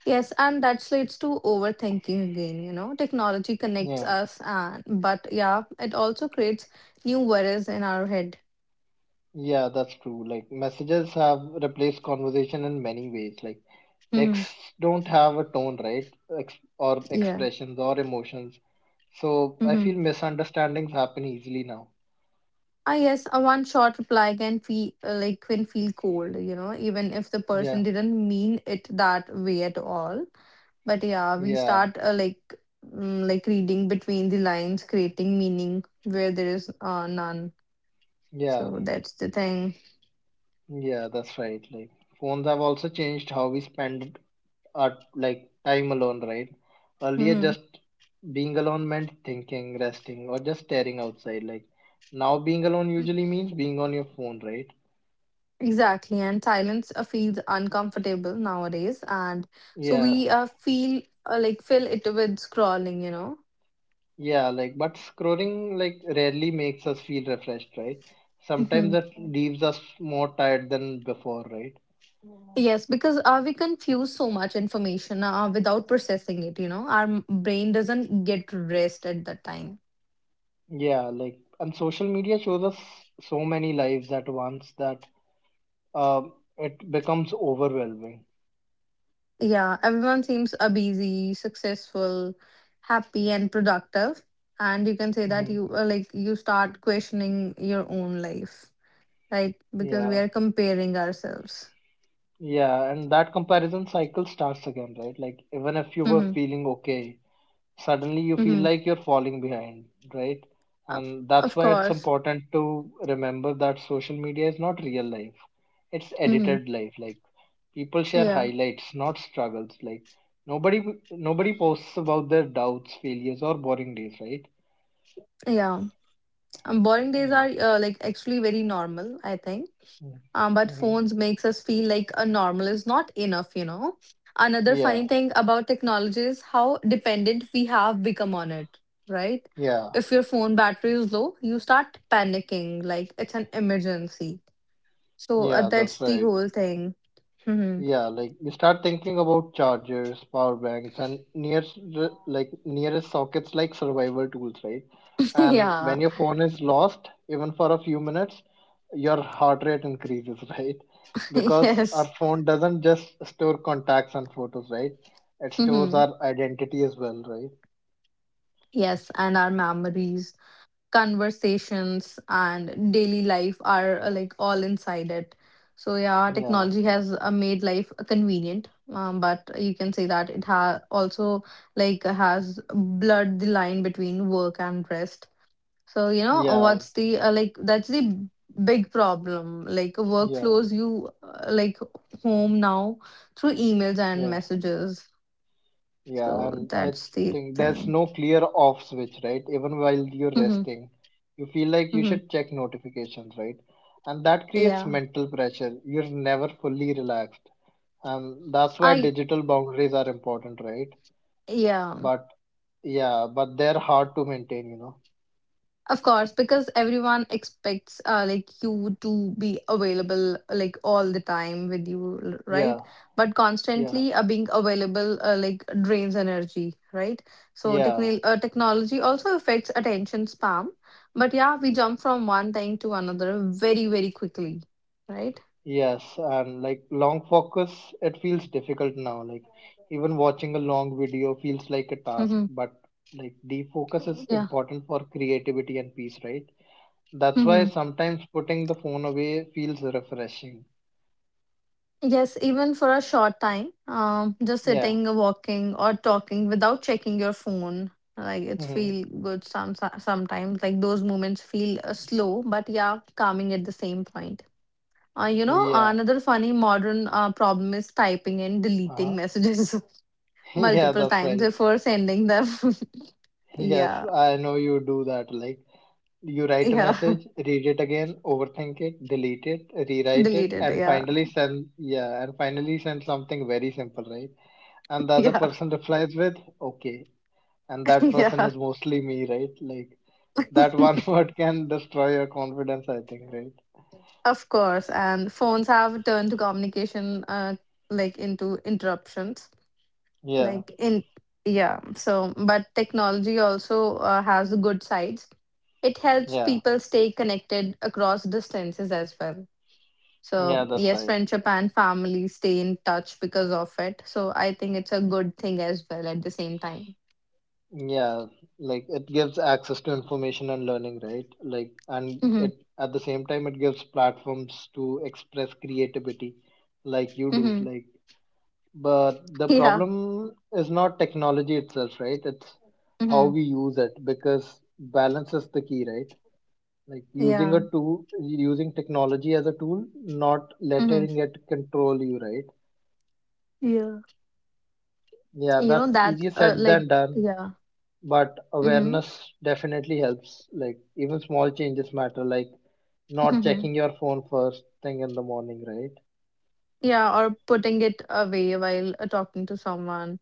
Speaker 2: Yes, and that leads to overthinking again, you know. Technology connects
Speaker 1: Yeah,
Speaker 2: us, and but yeah, it also creates new worries in our head.
Speaker 1: yeah, that's true. Like messages have replaced conversation in many ways. Like
Speaker 2: Hmm
Speaker 1: texts don't have a tone, right? Ex- or
Speaker 2: Yeah.
Speaker 1: expressions or emotions. So I
Speaker 2: Mm-hmm.
Speaker 1: feel misunderstandings happen easily now.
Speaker 2: Ah, yes, a one short reply can feel uh, like can feel cold, you know, even if the
Speaker 1: Yeah,
Speaker 2: person didn't mean it that way at all. But yeah, we
Speaker 1: yeah,
Speaker 2: start uh, like mm, like reading between the lines, creating meaning where there is uh, none.
Speaker 1: yeah,
Speaker 2: So that's the thing.
Speaker 1: yeah, that's right. Like phones have also changed how we spend our like time alone, right? Earlier
Speaker 2: Hmm
Speaker 1: just being alone meant thinking, resting, or just staring outside. Like now being alone usually means being on your phone, right?
Speaker 2: Exactly, and silence uh, feels uncomfortable nowadays, and so
Speaker 1: Yeah.
Speaker 2: we uh, feel uh, like fill it with scrolling, you know.
Speaker 1: Yeah, like, but scrolling like rarely makes us feel refreshed, right? Sometimes
Speaker 2: Hmm
Speaker 1: that leaves us more tired than before, right?
Speaker 2: Yes, because uh, we confuse so much information uh, without processing it, you know. Our m- brain doesn't get rest at that time.
Speaker 1: Yeah, like, and social media shows us so many lives at once that um, it becomes overwhelming.
Speaker 2: Yeah, everyone seems uh, busy, successful, happy, and productive. And you can say that
Speaker 1: Hmm.
Speaker 2: you uh, like you start questioning your own life, right? Because we
Speaker 1: Yeah,
Speaker 2: are comparing ourselves.
Speaker 1: yeah, and that comparison cycle starts again, right? Like, even if you were
Speaker 2: Mm-hmm.
Speaker 1: feeling okay, suddenly you feel
Speaker 2: Mm-hmm.
Speaker 1: like you're falling behind, right?
Speaker 2: Of
Speaker 1: And that's
Speaker 2: of
Speaker 1: why it's
Speaker 2: course.
Speaker 1: important to remember that social media is not real life. It's
Speaker 2: Mm-hmm.
Speaker 1: edited life. Like people share
Speaker 2: Yeah.
Speaker 1: highlights, not struggles. Like nobody nobody posts about their doubts, failures or boring days, right?
Speaker 2: Yeah. Um, boring days
Speaker 1: Yeah.
Speaker 2: are uh, like actually very normal, I think. um,
Speaker 1: Mm-hmm.
Speaker 2: but
Speaker 1: Mm-hmm.
Speaker 2: phones makes us feel like a normal is not enough, you know. Another
Speaker 1: Yeah.
Speaker 2: funny thing about technology is how dependent we have become on it, right?
Speaker 1: Yeah.
Speaker 2: If your phone battery is low you start panicking like it's an emergency. So uh,
Speaker 1: Yeah, that's
Speaker 2: that's the
Speaker 1: right.
Speaker 2: whole thing. Mhm.
Speaker 1: Yeah, like you start thinking about chargers, power banks, and nearest like nearest sockets like survival tools, right? And
Speaker 2: Yeah.
Speaker 1: when your phone is lost, even for a few minutes, your heart rate increases, right? Because our
Speaker 2: Yes.
Speaker 1: phone doesn't just store contacts and photos, right? It stores
Speaker 2: Mhm.
Speaker 1: our identity as well, right?
Speaker 2: Yes, and our memories, conversations and daily life are uh, like all inside it. So yeah,
Speaker 1: Yeah,
Speaker 2: technology has uh, made life uh, convenient, um, but you can say that it ha- also like has blurred the line between work and rest. So you know
Speaker 1: yeah,
Speaker 2: what's the uh, like that's the big problem: like
Speaker 1: yeah,
Speaker 2: workflows you uh, like home now through emails and
Speaker 1: yeah.
Speaker 2: messages.
Speaker 1: Yeah,
Speaker 2: So
Speaker 1: and I
Speaker 2: that's the
Speaker 1: think there's
Speaker 2: thing.
Speaker 1: no clear off switch, right? Even while you're
Speaker 2: Mm-hmm,
Speaker 1: resting, you feel like you
Speaker 2: mm-hmm.
Speaker 1: should check notifications, right? And that creates
Speaker 2: yeah
Speaker 1: mental pressure. You're never fully relaxed. And that's why
Speaker 2: I
Speaker 1: digital boundaries are important, right?
Speaker 2: yeah
Speaker 1: But yeah, but they're hard to maintain, you know?
Speaker 2: Of course, because everyone expects uh, like you to be available like all the time with you, l- right?
Speaker 1: Yeah,
Speaker 2: But
Speaker 1: yeah,
Speaker 2: constantly uh, being available uh, like drains energy, right? So
Speaker 1: yeah.
Speaker 2: techni- uh, technology also affects attention spam. But yeah, we jump from one thing to another very, very quickly, right?
Speaker 1: Yes, and like long focus, it feels difficult now. Like even watching a long video feels like a task,
Speaker 2: Mm-hmm.
Speaker 1: but like deep focus is
Speaker 2: Yeah.
Speaker 1: important for creativity and peace, right? That's why
Speaker 2: Mm-hmm.
Speaker 1: sometimes putting the phone away feels refreshing.
Speaker 2: Yes, even for a short time, um, just
Speaker 1: Yeah.
Speaker 2: sitting, walking, or talking without checking your phone, like it's
Speaker 1: Hmm.
Speaker 2: feel good some sometimes. Like those moments feel uh, slow, but yeah, calming at the same point. Uh, you know,
Speaker 1: Yeah.
Speaker 2: another funny modern uh, problem is typing and deleting
Speaker 1: Uh-huh.
Speaker 2: messages
Speaker 1: Yeah,
Speaker 2: multiple
Speaker 1: that's
Speaker 2: times
Speaker 1: right.
Speaker 2: before sending them.
Speaker 1: Yes,
Speaker 2: Yeah,
Speaker 1: I know you do that. Like you write a
Speaker 2: yeah,
Speaker 1: message, read it again, overthink it, delete it, rewrite
Speaker 2: delete
Speaker 1: it,
Speaker 2: it.
Speaker 1: and
Speaker 2: Yeah,
Speaker 1: finally send yeah, and finally send something very simple, right? And the other
Speaker 2: yeah,
Speaker 1: person replies with okay, and that person
Speaker 2: yeah.
Speaker 1: is mostly me, right? Like that one word can destroy your confidence, I think, right?
Speaker 2: Of course, and phones have turned communication uh, like into interruptions.
Speaker 1: Yeah,
Speaker 2: Like in yeah, so But technology also uh, has good sides. It helps
Speaker 1: yeah,
Speaker 2: people stay connected across distances as well.
Speaker 1: yeah,
Speaker 2: So
Speaker 1: that's
Speaker 2: yes,
Speaker 1: right.
Speaker 2: friendship and family stay in touch because of it. So I think it's a good thing as well at the same time.
Speaker 1: Yeah, like it gives access to information and learning, right? Like, and
Speaker 2: Mm-hmm.
Speaker 1: it at the same time it gives platforms to express creativity, like you do.
Speaker 2: Mm-hmm.
Speaker 1: Like, but the
Speaker 2: Yeah.
Speaker 1: problem is not technology itself, right? It's how
Speaker 2: Mm-hmm.
Speaker 1: we use it because balance is the key, right? Like using
Speaker 2: Yeah.
Speaker 1: a tool, using technology as a tool, not
Speaker 2: Mm-hmm.
Speaker 1: letting it control you, right?
Speaker 2: Yeah.
Speaker 1: Yeah,
Speaker 2: You know
Speaker 1: that's
Speaker 2: that
Speaker 1: easier
Speaker 2: uh,
Speaker 1: said
Speaker 2: like
Speaker 1: than done.
Speaker 2: yeah.
Speaker 1: But
Speaker 2: Mm-hmm.
Speaker 1: awareness definitely helps, like even small changes matter, like not checking your phone first thing in the morning, right?
Speaker 2: Yeah, or putting it away while uh, talking to someone.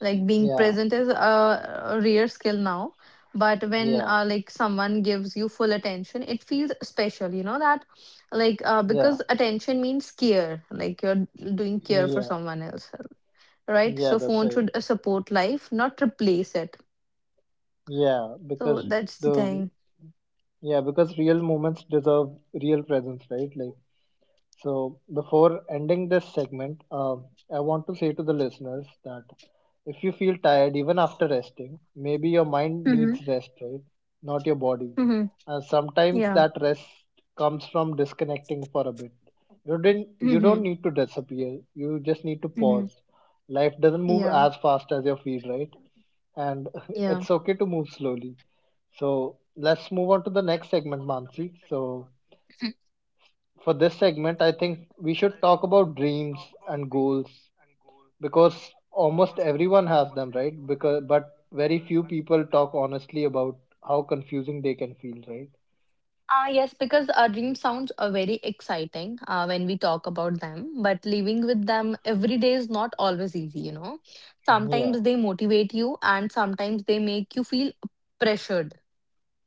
Speaker 2: Like being
Speaker 1: Yeah,
Speaker 2: present is a a rare skill now, but when
Speaker 1: yeah,
Speaker 2: uh, like someone gives you full attention, it feels special, you know that like uh,
Speaker 1: yeah,
Speaker 2: because attention means care, like you're doing care for
Speaker 1: yeah,
Speaker 2: someone else, right?
Speaker 1: yeah,
Speaker 2: So
Speaker 1: that's
Speaker 2: phone
Speaker 1: right.
Speaker 2: should uh, support life, not replace it.
Speaker 1: Yeah,
Speaker 2: So
Speaker 1: because
Speaker 2: that's the
Speaker 1: the
Speaker 2: thing.
Speaker 1: yeah, because real moments deserve real presence, right? Like, so, before ending this segment, uh, I want to say to the listeners that if you feel tired even after resting, maybe your mind
Speaker 2: Mm-hmm.
Speaker 1: needs rest, right? Not your body.
Speaker 2: Mm-hmm.
Speaker 1: Uh, sometimes
Speaker 2: Yeah.
Speaker 1: that rest comes from disconnecting for a bit. You didn't, you
Speaker 2: Mm-hmm.
Speaker 1: don't need to disappear. You just need to
Speaker 2: Mm-hmm.
Speaker 1: pause. Life doesn't move
Speaker 2: Yeah.
Speaker 1: as fast as your feet, right? And
Speaker 2: Yeah.
Speaker 1: it's okay to move slowly. So let's move on to the next segment, Mansi. So for this segment, I think we should talk about dreams and goals because almost everyone has them, right? Because but very few people talk honestly about how confusing they can feel, right?
Speaker 2: Uh, yes, because our dreams sounds uh, very exciting uh, when we talk about them, but living with them every day is not always easy, you know.
Speaker 1: Yeah.
Speaker 2: Sometimes they motivate you and sometimes they make you feel pressured.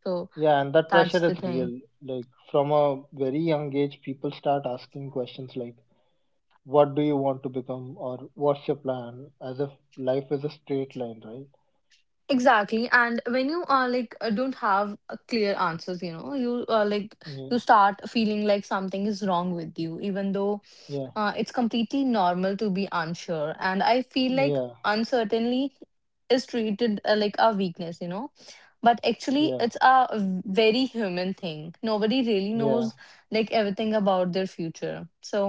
Speaker 2: So
Speaker 1: Yeah, and that
Speaker 2: that's
Speaker 1: pressure
Speaker 2: the
Speaker 1: is
Speaker 2: thing.
Speaker 1: real. Like from a very young age, people start asking questions like, "What do you want to become?" or "What's your plan?" As if life is a straight line, right?
Speaker 2: Exactly. And when you are like uh, don't have uh, clear answers, you know, you uh, like
Speaker 1: Yeah,
Speaker 2: you start feeling like something is wrong with you, even though
Speaker 1: yeah,
Speaker 2: Uh, it's completely normal to be unsure, and I feel like
Speaker 1: yeah,
Speaker 2: uncertainty is treated uh, like a weakness, you know. But actually,
Speaker 1: yeah,
Speaker 2: it's a very human thing. Nobody really
Speaker 1: yeah,
Speaker 2: knows like everything about their future. So,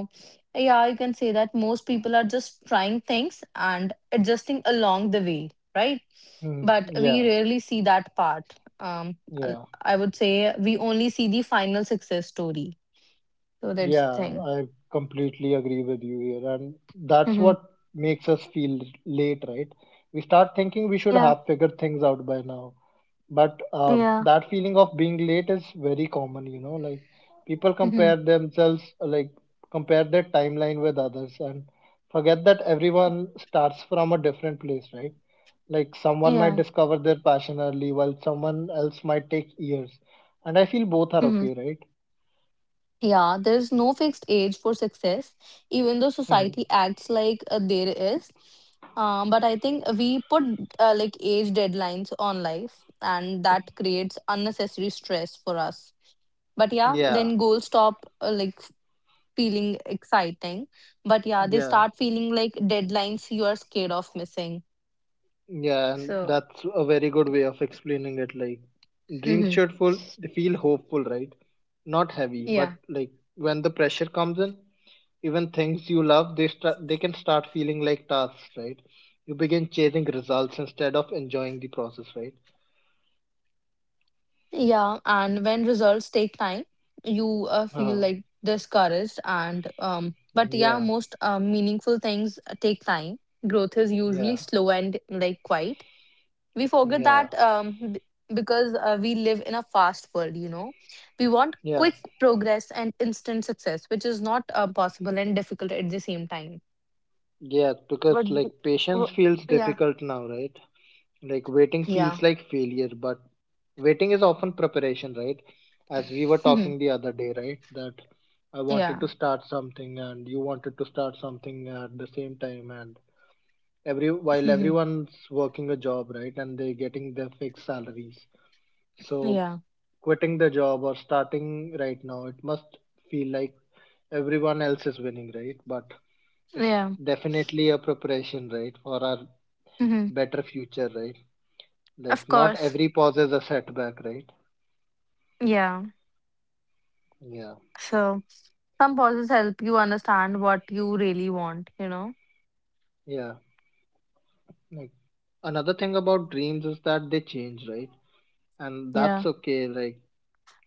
Speaker 2: yeah, you can say that most people are just trying things and adjusting along the way, right?
Speaker 1: hmm,
Speaker 2: But we
Speaker 1: yeah,
Speaker 2: rarely see that part. Um, I
Speaker 1: yeah.
Speaker 2: I would say we only see the final success story. So that's
Speaker 1: Yeah,
Speaker 2: the thing.
Speaker 1: I completely agree with you here. And that's
Speaker 2: Hmm.
Speaker 1: what makes us feel late, right? We start thinking we should
Speaker 2: Yeah,
Speaker 1: have figured things out by now. But um,
Speaker 2: yeah.
Speaker 1: that feeling of being late is very common, you know, like people compare
Speaker 2: Mhm.
Speaker 1: themselves, like compare their timeline with others and forget that everyone starts from a different place, right? Like someone might
Speaker 2: Yeah.
Speaker 1: discover their passion early while someone else might take years. And I feel both are
Speaker 2: Hmm.
Speaker 1: okay,
Speaker 2: Yeah, there's no fixed age for success, even though
Speaker 1: right?
Speaker 2: society acts like uh, there is. Um, but I think we put uh, like age deadlines on life, and that creates unnecessary stress for us. But yeah,
Speaker 1: Yeah.
Speaker 2: then goals stop uh, like feeling exciting. But yeah, they
Speaker 1: Yeah,
Speaker 2: start feeling like deadlines you are scared of missing.
Speaker 1: yeah, and
Speaker 2: So,
Speaker 1: that's a very good way of explaining it. Like, dreams
Speaker 2: mhm.
Speaker 1: should full, they feel hopeful, right? Not heavy, but like when the pressure comes in, even things you love, they start, they can start feeling like tasks, right? You begin chasing results instead of enjoying the process, right?
Speaker 2: Yeah, and when results take time, you uh, feel
Speaker 1: Uh,
Speaker 2: like discouraged and um but yeah,
Speaker 1: yeah,
Speaker 2: most uh, meaningful things uh, take time. Growth is usually
Speaker 1: yeah,
Speaker 2: slow and like quiet. We forget
Speaker 1: yeah,
Speaker 2: that um b- Because uh, we live in a fast world, you know. We want
Speaker 1: yeah,
Speaker 2: quick progress and instant success, which is not uh, possible and difficult at the same time.
Speaker 1: yeah. Because
Speaker 2: But
Speaker 1: like
Speaker 2: w-
Speaker 1: patience feels
Speaker 2: yeah.
Speaker 1: difficult now, right? Like waiting
Speaker 2: Yeah.
Speaker 1: feels like failure, but waiting is often preparation, right? As we were talking the other day, right? That I
Speaker 2: Yeah.
Speaker 1: wanted to start something and you wanted to start something at the same time, and every while everyone's working a job, right? And they're getting their fixed salaries.
Speaker 2: Yeah.
Speaker 1: So
Speaker 2: Yeah.
Speaker 1: quitting the job or starting right now, it must feel like everyone else is winning, right? But it's definitely a preparation, right, for our
Speaker 2: Yeah.
Speaker 1: better future, right? Like
Speaker 2: Of
Speaker 1: not
Speaker 2: course.
Speaker 1: every pause is a setback, right?
Speaker 2: Yeah.
Speaker 1: Yeah.
Speaker 2: So some pauses help you understand what you really want, you know?
Speaker 1: Yeah. Like another thing about dreams is that they change, right? And
Speaker 2: Yeah.
Speaker 1: that's okay. Like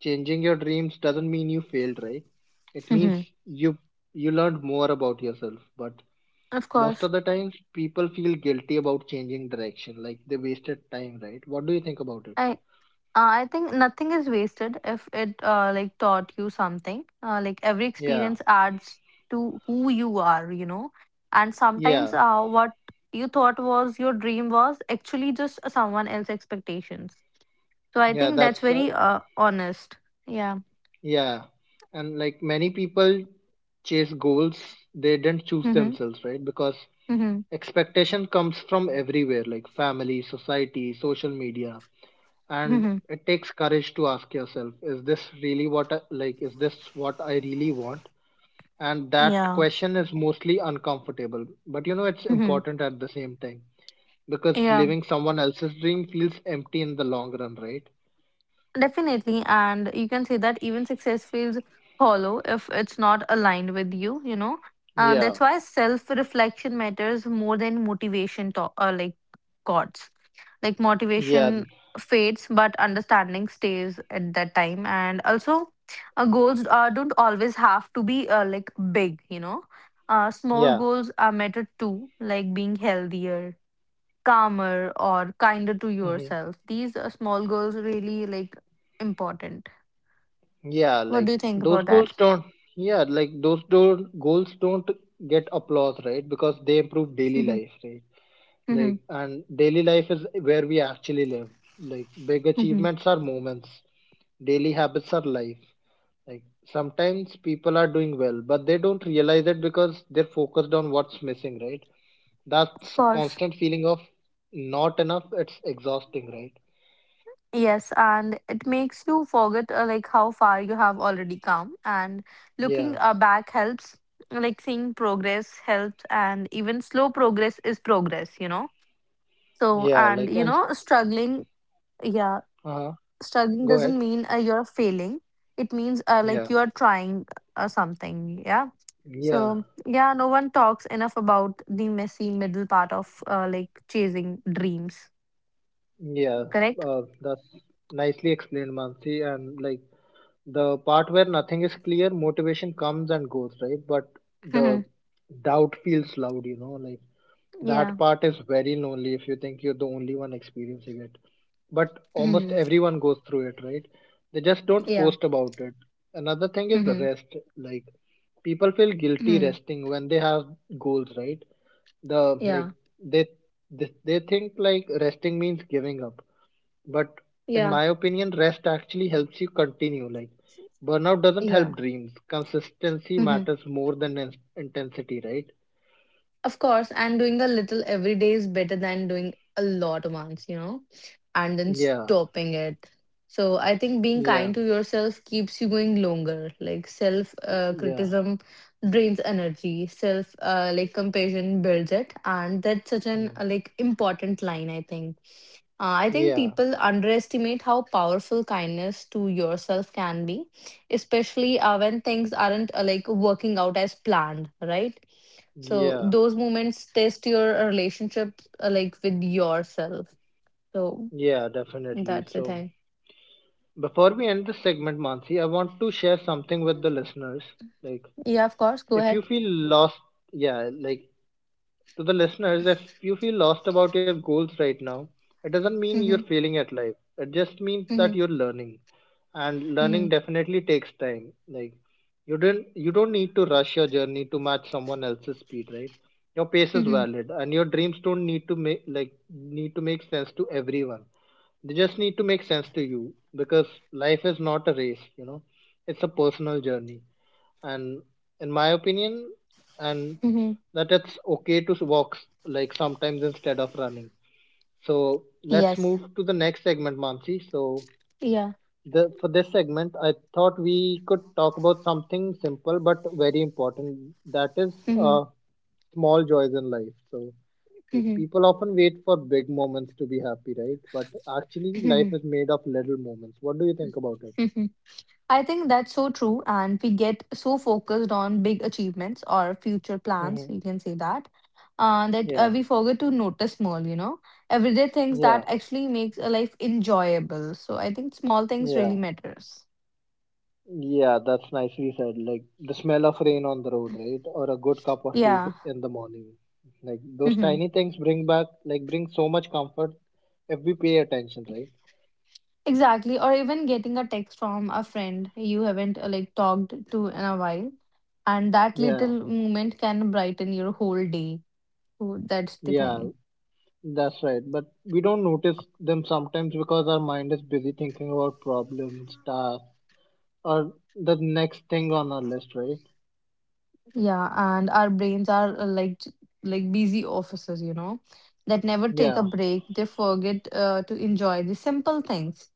Speaker 1: changing your dreams doesn't mean you failed, right? It means
Speaker 2: Hmm.
Speaker 1: you you learned more about yourself. But
Speaker 2: Of
Speaker 1: most
Speaker 2: course.
Speaker 1: of the times people feel guilty about changing direction, like they wasted time, right? What do you think about it?
Speaker 2: I uh, I think nothing is wasted if it uh, like taught you something. Uh, like every
Speaker 1: Yeah.
Speaker 2: experience adds to who you are, you know. And sometimes
Speaker 1: Yeah.
Speaker 2: uh, what you thought was your dream was actually just uh, someone else's expectations. So I
Speaker 1: Yeah,
Speaker 2: think
Speaker 1: that's
Speaker 2: that's
Speaker 1: uh,
Speaker 2: very uh, honest. Yeah.
Speaker 1: yeah, and like many people chase goals they didn't choose
Speaker 2: Mm-hmm.
Speaker 1: themselves, right? Because
Speaker 2: Mm-hmm.
Speaker 1: expectation comes from everywhere, like family, society, social media, and
Speaker 2: Mm-hmm.
Speaker 1: it takes courage to ask yourself, is this really what I, like is this what I really want? And that
Speaker 2: Yeah.
Speaker 1: question is mostly uncomfortable, but you know it's
Speaker 2: Mm-hmm.
Speaker 1: important at the same time because
Speaker 2: Yeah.
Speaker 1: living someone else's dream feels empty in the long run, right?
Speaker 2: Definitely, and you can say that even success feels hollow if it's not aligned with you, you know. And
Speaker 1: Yeah,
Speaker 2: that's why self-reflection matters more than motivation to uh, like thoughts. Like
Speaker 1: yeah,
Speaker 2: motivation fades, but understanding stays at that time. And also, uh, goals uh, don't always have to be uh, like big, you know. Uh, small
Speaker 1: yeah.
Speaker 2: goals are matter too, like being healthier calmer or kinder to
Speaker 1: Mhm.
Speaker 2: yourself. These are small goals really like important.
Speaker 1: Yeah,
Speaker 2: What
Speaker 1: like
Speaker 2: do you think
Speaker 1: those
Speaker 2: about that?
Speaker 1: goals don't. Yeah, like those don't goals don't get applause, right? Because they improve daily
Speaker 2: Mhm,
Speaker 1: life, right?
Speaker 2: mhm,
Speaker 1: Like, and daily life is where we actually live. Like, big
Speaker 2: mhm.
Speaker 1: achievements are moments. Daily habits are life. Like, sometimes people are doing well, but they don't realize it because they're focused on what's missing, right?
Speaker 2: Of
Speaker 1: That's
Speaker 2: course.
Speaker 1: constant feeling of not enough. It's exhausting, right?
Speaker 2: Yes, and it makes you forget uh, like how far you have already come, and looking
Speaker 1: Yeah,
Speaker 2: uh, back helps. Like seeing progress helps, and even slow progress is progress, you know. So,
Speaker 1: yeah.
Speaker 2: and
Speaker 1: Like,
Speaker 2: you
Speaker 1: and
Speaker 2: know, struggling, yeah,
Speaker 1: uh,
Speaker 2: struggling
Speaker 1: go
Speaker 2: doesn't
Speaker 1: ahead.
Speaker 2: mean uh, you're failing, it means uh, like
Speaker 1: Yeah,
Speaker 2: you're trying uh, something, yeah.
Speaker 1: yeah.
Speaker 2: So yeah, no one talks enough about the messy middle part of uh, like chasing dreams,
Speaker 1: Yeah,
Speaker 2: correct.
Speaker 1: uh, that's nicely explained, Mansi. And like the part where nothing is clear, motivation comes and goes, right? But
Speaker 2: Hmm.
Speaker 1: the doubt feels loud, you know, like
Speaker 2: Yeah.
Speaker 1: that part is very lonely if you think you're the only one experiencing it, but almost
Speaker 2: Hmm.
Speaker 1: everyone goes through it, right? They just don't
Speaker 2: Yeah.
Speaker 1: post about it. Another thing is
Speaker 2: Hmm.
Speaker 1: rest. Like people feel guilty
Speaker 2: Hmm.
Speaker 1: resting when they have goals, right? The like
Speaker 2: Yeah.
Speaker 1: they they, they think like resting means giving up, but in
Speaker 2: Yeah.
Speaker 1: my opinion, rest actually helps you continue. Like burnout doesn't
Speaker 2: Yeah.
Speaker 1: help dreams. Consistency
Speaker 2: Hmm.
Speaker 1: matters more than in- intensity, right?
Speaker 2: Of course, and doing a little every day is better than doing a lot once, you know, and then
Speaker 1: Yeah,
Speaker 2: stopping it. So I think being
Speaker 1: yeah,
Speaker 2: kind to yourself keeps you going longer. Like self uh,
Speaker 1: yeah,
Speaker 2: criticism drains energy, self uh, like compassion builds it, and that's such an
Speaker 1: mm,
Speaker 2: uh, like important line I think. Uh, I think
Speaker 1: yeah,
Speaker 2: people underestimate how powerful kindness to yourself can be, especially uh, when things aren't uh, like working out as planned, right? So
Speaker 1: yeah.
Speaker 2: those moments test your relationship uh, like with yourself. So
Speaker 1: Yeah, definitely.
Speaker 2: that's the
Speaker 1: So
Speaker 2: thing.
Speaker 1: before we end this segment, Mansi, I want to share something with the listeners. Like,
Speaker 2: Yeah, of course. Go
Speaker 1: if you
Speaker 2: ahead.
Speaker 1: feel lost, yeah, like to the listeners, if you feel lost about your goals right now, it doesn't mean you're
Speaker 2: Mm-hmm.
Speaker 1: failing at life. It just means
Speaker 2: Mm-hmm.
Speaker 1: that you're learning. And
Speaker 2: Mm-hmm.
Speaker 1: learning definitely takes time. Like you didn't you don't need to rush your journey to match someone else's speed, right? Your pace is
Speaker 2: Mm-hmm.
Speaker 1: valid and your dreams don't need to make like need to make sense to everyone. They just need to make sense to you because life is not a race, you know. It's a personal journey, and in my opinion, and
Speaker 2: Mm-hmm.
Speaker 1: that it's okay to walk, like sometimes instead of running. So let's
Speaker 2: Yes.
Speaker 1: move to the next segment, Mansi. So
Speaker 2: Yeah.
Speaker 1: the for this segment, I thought we could talk about something simple but very important, that is,
Speaker 2: Mm-hmm.
Speaker 1: uh, small joys in life. So like
Speaker 2: Mm-hmm.
Speaker 1: people often wait for big moments to be happy, right? But actually life
Speaker 2: Mm-hmm.
Speaker 1: is made of little moments. What do you think about it?
Speaker 2: I think that's so true. And we get so focused on big achievements or future plans,
Speaker 1: Hmm,
Speaker 2: you can say that, uh, that
Speaker 1: yeah,
Speaker 2: uh, we forget to notice small, you know, everyday things
Speaker 1: yeah,
Speaker 2: that actually makes a life enjoyable. So I think small things really
Speaker 1: yeah.
Speaker 2: matters.
Speaker 1: Yeah, that's nicely said. Like the smell of rain on the road, right? Or a good cup of tea
Speaker 2: Yeah.
Speaker 1: in the morning. Like those
Speaker 2: Mm-hmm.
Speaker 1: tiny things bring back, like bring so much comfort if we pay attention, right?
Speaker 2: Exactly. Or even getting a text from a friend you haven't uh, like talked to in a while. And that
Speaker 1: Yeah,
Speaker 2: little moment can brighten your whole day. So that's the
Speaker 1: yeah,
Speaker 2: thing.
Speaker 1: that's right. But we don't notice them sometimes because our mind is busy thinking about problems, tasks, or the next thing on our list, right?
Speaker 2: Yeah, and our brains are uh, like j- like busy officers, you know, that never take a
Speaker 1: Yeah,
Speaker 2: break. They forget uh, to enjoy the simple things.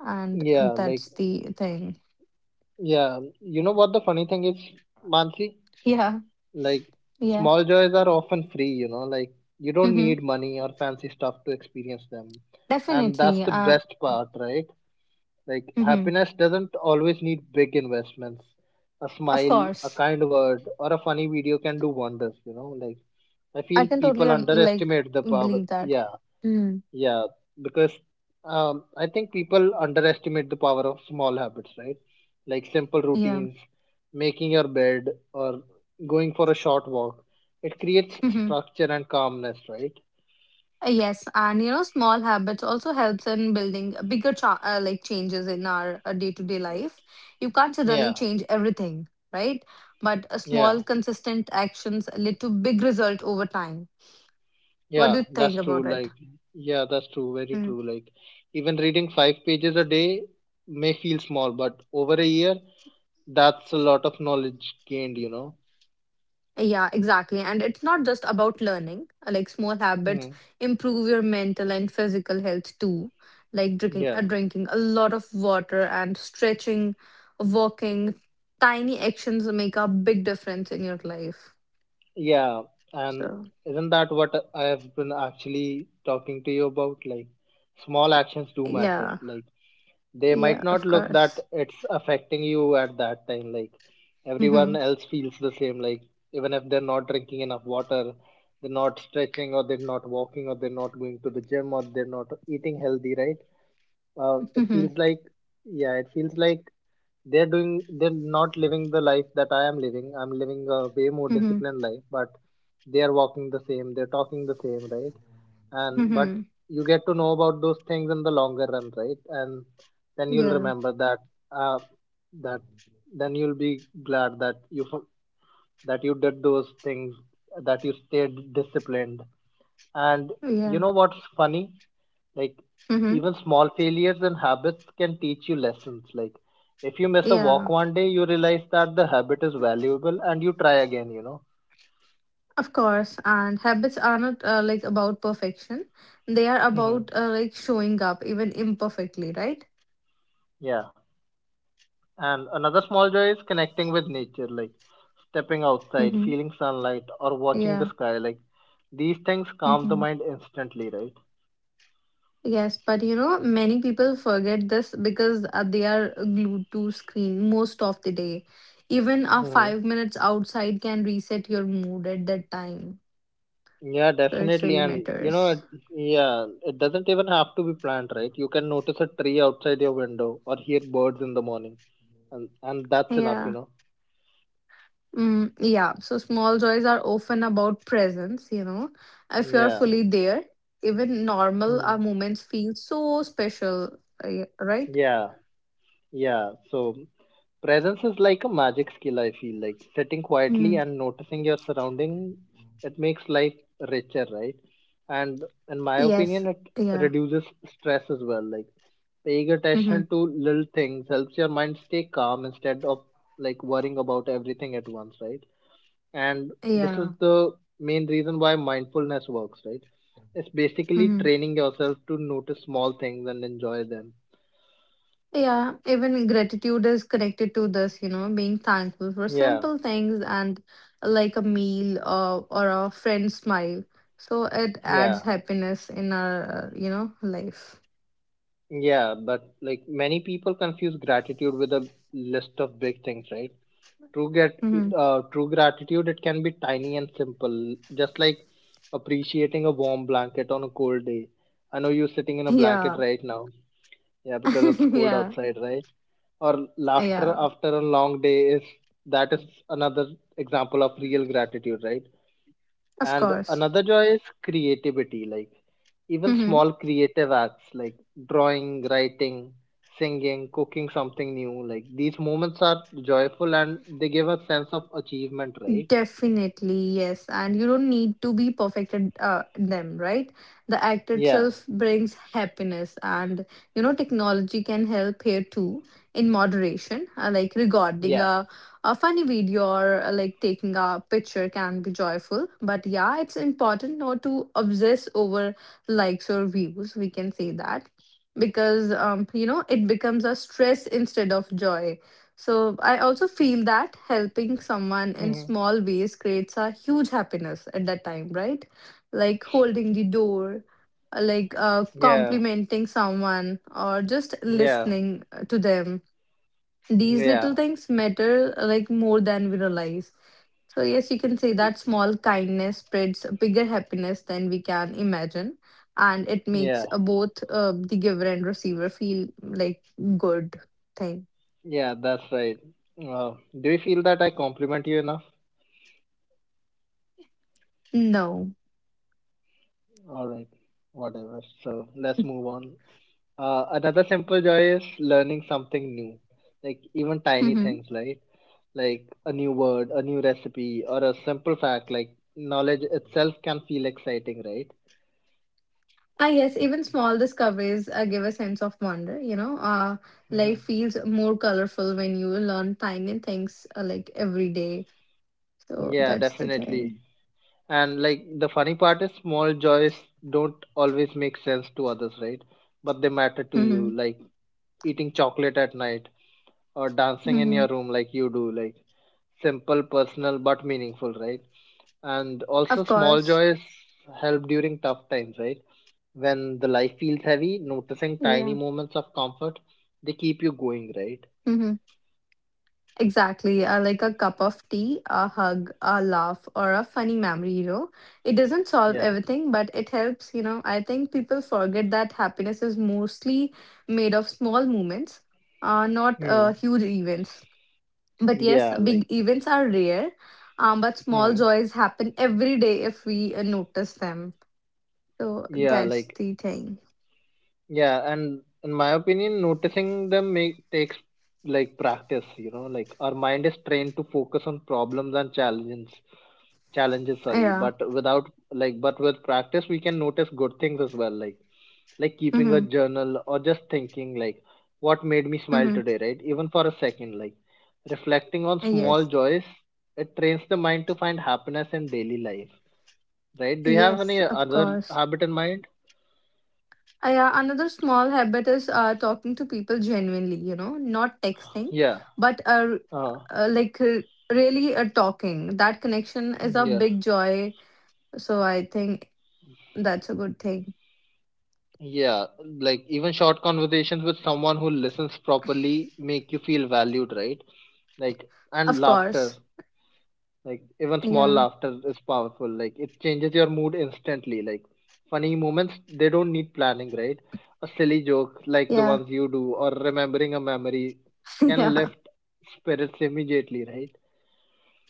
Speaker 2: And, and
Speaker 1: yeah, like,
Speaker 2: that's the thing.
Speaker 1: yeah. You know what the funny thing is, Mansi?
Speaker 2: Yeah,
Speaker 1: Like
Speaker 2: yeah.
Speaker 1: small joys are often free, you know, like you don't
Speaker 2: Mm-hmm.
Speaker 1: need money or fancy stuff to experience them. And that's
Speaker 2: Definitely.
Speaker 1: the
Speaker 2: Uh,
Speaker 1: best part, right? Like
Speaker 2: mm-hmm.
Speaker 1: happiness doesn't always need big investments. A
Speaker 2: Of
Speaker 1: smile, a
Speaker 2: course.
Speaker 1: kind word, or a funny video can do wonders, you know, like I
Speaker 2: I
Speaker 1: feel
Speaker 2: can totally
Speaker 1: people
Speaker 2: uh, like
Speaker 1: underestimate the power.
Speaker 2: believe that.
Speaker 1: Yeah.
Speaker 2: Hmm.
Speaker 1: Yeah, because um, I think people underestimate the power of small habits, right? Like simple
Speaker 2: Yeah.
Speaker 1: routines, making your bed, or going for a short walk. It creates
Speaker 2: Hmm.
Speaker 1: structure and calmness, right?
Speaker 2: Yes, and you know, small habits also helps in building bigger cha- uh, like changes in our uh, day-to-day life. You can't suddenly
Speaker 1: Yeah,
Speaker 2: change everything, right? But a
Speaker 1: yeah,
Speaker 2: small, consistent actions lead to big result over time. What do
Speaker 1: yeah,
Speaker 2: you think
Speaker 1: that's true.
Speaker 2: about it?
Speaker 1: Like, yeah, that's true. Very true. Like, even reading five pages a day may feel small, but over a year, that's a lot of knowledge gained, you know?
Speaker 2: Yeah, exactly. And it's not just about learning. Uh, like small habits
Speaker 1: Mm,
Speaker 2: improve your mental and physical health too, like drinking uh,
Speaker 1: yeah.
Speaker 2: drinking a lot of water and stretching, walking, tiny actions make a big difference in your life.
Speaker 1: Yeah, and
Speaker 2: So,
Speaker 1: isn't that what I have been actually talking to you about? Like, small actions do matter.
Speaker 2: yeah.
Speaker 1: Like, they might
Speaker 2: Yeah,
Speaker 1: not
Speaker 2: of
Speaker 1: look that
Speaker 2: course.
Speaker 1: it's affecting you at that time. Like, everyone
Speaker 2: Mhm.
Speaker 1: else feels the same. Like, even if they're not drinking enough water, they're not stretching, or they're not walking, or they're not going to the gym, or they're not eating healthy, right? Uh, it feels
Speaker 2: Mhm.
Speaker 1: like, yeah, it feels like they're doing they're not living the life that I am living. I'm living a way more
Speaker 2: Mhm.
Speaker 1: disciplined life, but they are walking the same, they're talking the same, right? And but
Speaker 2: Mhm.
Speaker 1: you get to know about those things in the longer run, right? And then you'll
Speaker 2: Yeah.
Speaker 1: remember that uh, that then you'll be glad that you fo- that you did those things, that you stayed disciplined. And you
Speaker 2: Yeah.
Speaker 1: know what's funny? Like,
Speaker 2: Mhm.
Speaker 1: even small failures and habits can teach you lessons. Like, if you miss a walk
Speaker 2: Yeah.
Speaker 1: one day, you realize that the habit is valuable and you try again, you know?
Speaker 2: Of course, and habits are not uh, like about perfection. They are
Speaker 1: Hmm.
Speaker 2: about uh, like showing up even imperfectly, right?
Speaker 1: Yeah. And another small joy is connecting with nature, like stepping outside,
Speaker 2: Mm-hmm.
Speaker 1: feeling sunlight, or watching the
Speaker 2: Yeah.
Speaker 1: sky. Like, these things calm the
Speaker 2: Mm-hmm.
Speaker 1: mind instantly,
Speaker 2: Yes, but you know, many people forget this because uh, they are glued to screen most of the day. Even a
Speaker 1: right?
Speaker 2: five minutes outside can reset your mood at that time.
Speaker 1: Yeah,
Speaker 2: So it
Speaker 1: definitely.
Speaker 2: really
Speaker 1: And you know, it,
Speaker 2: matters.
Speaker 1: yeah, it doesn't even have to be planned, right? You can notice a tree outside your window or hear birds in the morning, and and that's enough, you
Speaker 2: Yeah.
Speaker 1: know.
Speaker 2: Mm, yeah, so small joys are often about presence, you know. If you're
Speaker 1: Yeah.
Speaker 2: fully there, even normal
Speaker 1: Hmm.
Speaker 2: our moments feel so special, uh, right?
Speaker 1: Yeah. Yeah, so presence is like a magic skill, I feel like sitting quietly
Speaker 2: Hmm.
Speaker 1: and noticing your surroundings, it makes life richer, right? And in my
Speaker 2: Yes.
Speaker 1: opinion, it
Speaker 2: Yeah.
Speaker 1: reduces stress as well. Like paying
Speaker 2: Mm-hmm.
Speaker 1: attention to little things helps your mind stay calm instead of like worrying about everything at once, right? And this is
Speaker 2: Yeah.
Speaker 1: the main reason why mindfulness works, right? It's basically
Speaker 2: Mm-hmm.
Speaker 1: training yourself to notice small things and enjoy them.
Speaker 2: Yeah, even gratitude is connected to this, you know, being thankful for
Speaker 1: Yeah,
Speaker 2: simple things and like a meal or, or a friend's smile. So it adds
Speaker 1: yeah.
Speaker 2: happiness in our, uh, you know, life.
Speaker 1: Yeah, but like many people confuse gratitude with a list of big things, right? True get
Speaker 2: Mm-hmm.
Speaker 1: uh, true gratitude, it can be tiny and simple, just like appreciating a warm blanket on a cold day. I know you're sitting in a blanket
Speaker 2: Yeah.
Speaker 1: right now. Yeah, because it's cold
Speaker 2: Yeah.
Speaker 1: outside, right? Or laughter
Speaker 2: Yeah.
Speaker 1: after a long day is that is another example of real gratitude, right?
Speaker 2: Of
Speaker 1: And
Speaker 2: course.
Speaker 1: another joy is creativity, like even
Speaker 2: Hmm.
Speaker 1: small creative acts like drawing, writing, singing, cooking something new, like these moments are joyful and they give a sense of achievement, right?
Speaker 2: Definitely, yes. And you don't need to be perfect at uh, them, right? The act
Speaker 1: Yeah,
Speaker 2: itself brings happiness, and you know, technology can help here too in moderation. Uh, like recording
Speaker 1: yeah,
Speaker 2: a, a funny video or uh, like taking a picture can be joyful. But yeah, it's important not to obsess over likes or views. We can say that because um, you know, it becomes a stress instead of joy. So I also feel that helping someone in
Speaker 1: hmm,
Speaker 2: small ways creates a huge happiness at that time, right? Like holding the door, uh, like uh,
Speaker 1: yeah,
Speaker 2: complimenting someone, or just
Speaker 1: yeah,
Speaker 2: listening uh, to them. These little
Speaker 1: yeah,
Speaker 2: things matter uh, like more than we realize. So yes, you can say that small kindness spreads bigger happiness than we can imagine, and it
Speaker 1: yeah,
Speaker 2: makes uh, both uh, the giver and receiver feel like good thing.
Speaker 1: yeah, that's right. uh, do you feel that I compliment you enough?
Speaker 2: No.
Speaker 1: All right, whatever, so let's move on. Uh, another simple joy is learning something new, like even tiny things, right? Like a new word, a new recipe, or a simple fact. Like knowledge itself can feel exciting, right?
Speaker 2: Ah, yes, even small discoveries uh, give a sense of wonder, you know. Uh,
Speaker 1: Hmm.
Speaker 2: life feels more colorful when you learn tiny things uh, like every day. So
Speaker 1: Yeah,
Speaker 2: that's the
Speaker 1: definitely.
Speaker 2: thing.
Speaker 1: And like the funny part is, small joys don't always make sense to others, right? But they matter to you,
Speaker 2: Hmm.
Speaker 1: like eating chocolate at night or dancing in
Speaker 2: Hmm.
Speaker 1: your room, like you do, like simple, personal, but meaningful, right? And also
Speaker 2: Of
Speaker 1: small
Speaker 2: course.
Speaker 1: joys help during tough times, right? When the life feels heavy, noticing
Speaker 2: Yeah.
Speaker 1: tiny moments of comfort, they keep you going, right?
Speaker 2: Hmm. Exactly. Uh, like a cup of tea, a hug, a laugh, or a funny memory, you know. It doesn't solve
Speaker 1: Yeah,
Speaker 2: everything, but it helps, you know. I think people forget that happiness is mostly made of small moments, uh, not
Speaker 1: hmm,
Speaker 2: uh, huge events. But yes,
Speaker 1: yeah, like,
Speaker 2: big events are rare, um, but small
Speaker 1: hmm,
Speaker 2: joys happen every day if we uh, notice them. So
Speaker 1: yeah,
Speaker 2: that's
Speaker 1: like
Speaker 2: the thing.
Speaker 1: yeah. And in my opinion, noticing them make takes like practice, you know, like our mind is trained to focus on problems and challenges, challenges, sorry,
Speaker 2: Yeah.
Speaker 1: but without like but with practice we can notice good things as well, like like keeping a
Speaker 2: Mm-hmm.
Speaker 1: journal or just thinking like what made me smile
Speaker 2: Mm-hmm.
Speaker 1: today, right, even for a second, like reflecting on small
Speaker 2: Yes.
Speaker 1: joys, it trains the mind to find happiness in daily life, right? Do you have any
Speaker 2: Yes, of
Speaker 1: other
Speaker 2: course.
Speaker 1: habit in mind?
Speaker 2: Uh, yeah, another small habit is uh, talking to people genuinely, you know, not texting,
Speaker 1: Yeah,
Speaker 2: but uh,
Speaker 1: uh,
Speaker 2: uh, like uh, really uh, talking. That connection is a
Speaker 1: yeah,
Speaker 2: big joy. So I think that's a good thing.
Speaker 1: yeah, like even short conversations with someone who listens properly make you feel valued, right? Like and
Speaker 2: Of
Speaker 1: laughter.
Speaker 2: course.
Speaker 1: Like even small
Speaker 2: Yeah.
Speaker 1: laughter is powerful. Like it changes your mood instantly. Like funny moments, they don't need planning, right? A silly joke like the
Speaker 2: Yeah.
Speaker 1: ones you do or remembering a memory can
Speaker 2: Yeah.
Speaker 1: lift spirits immediately, right?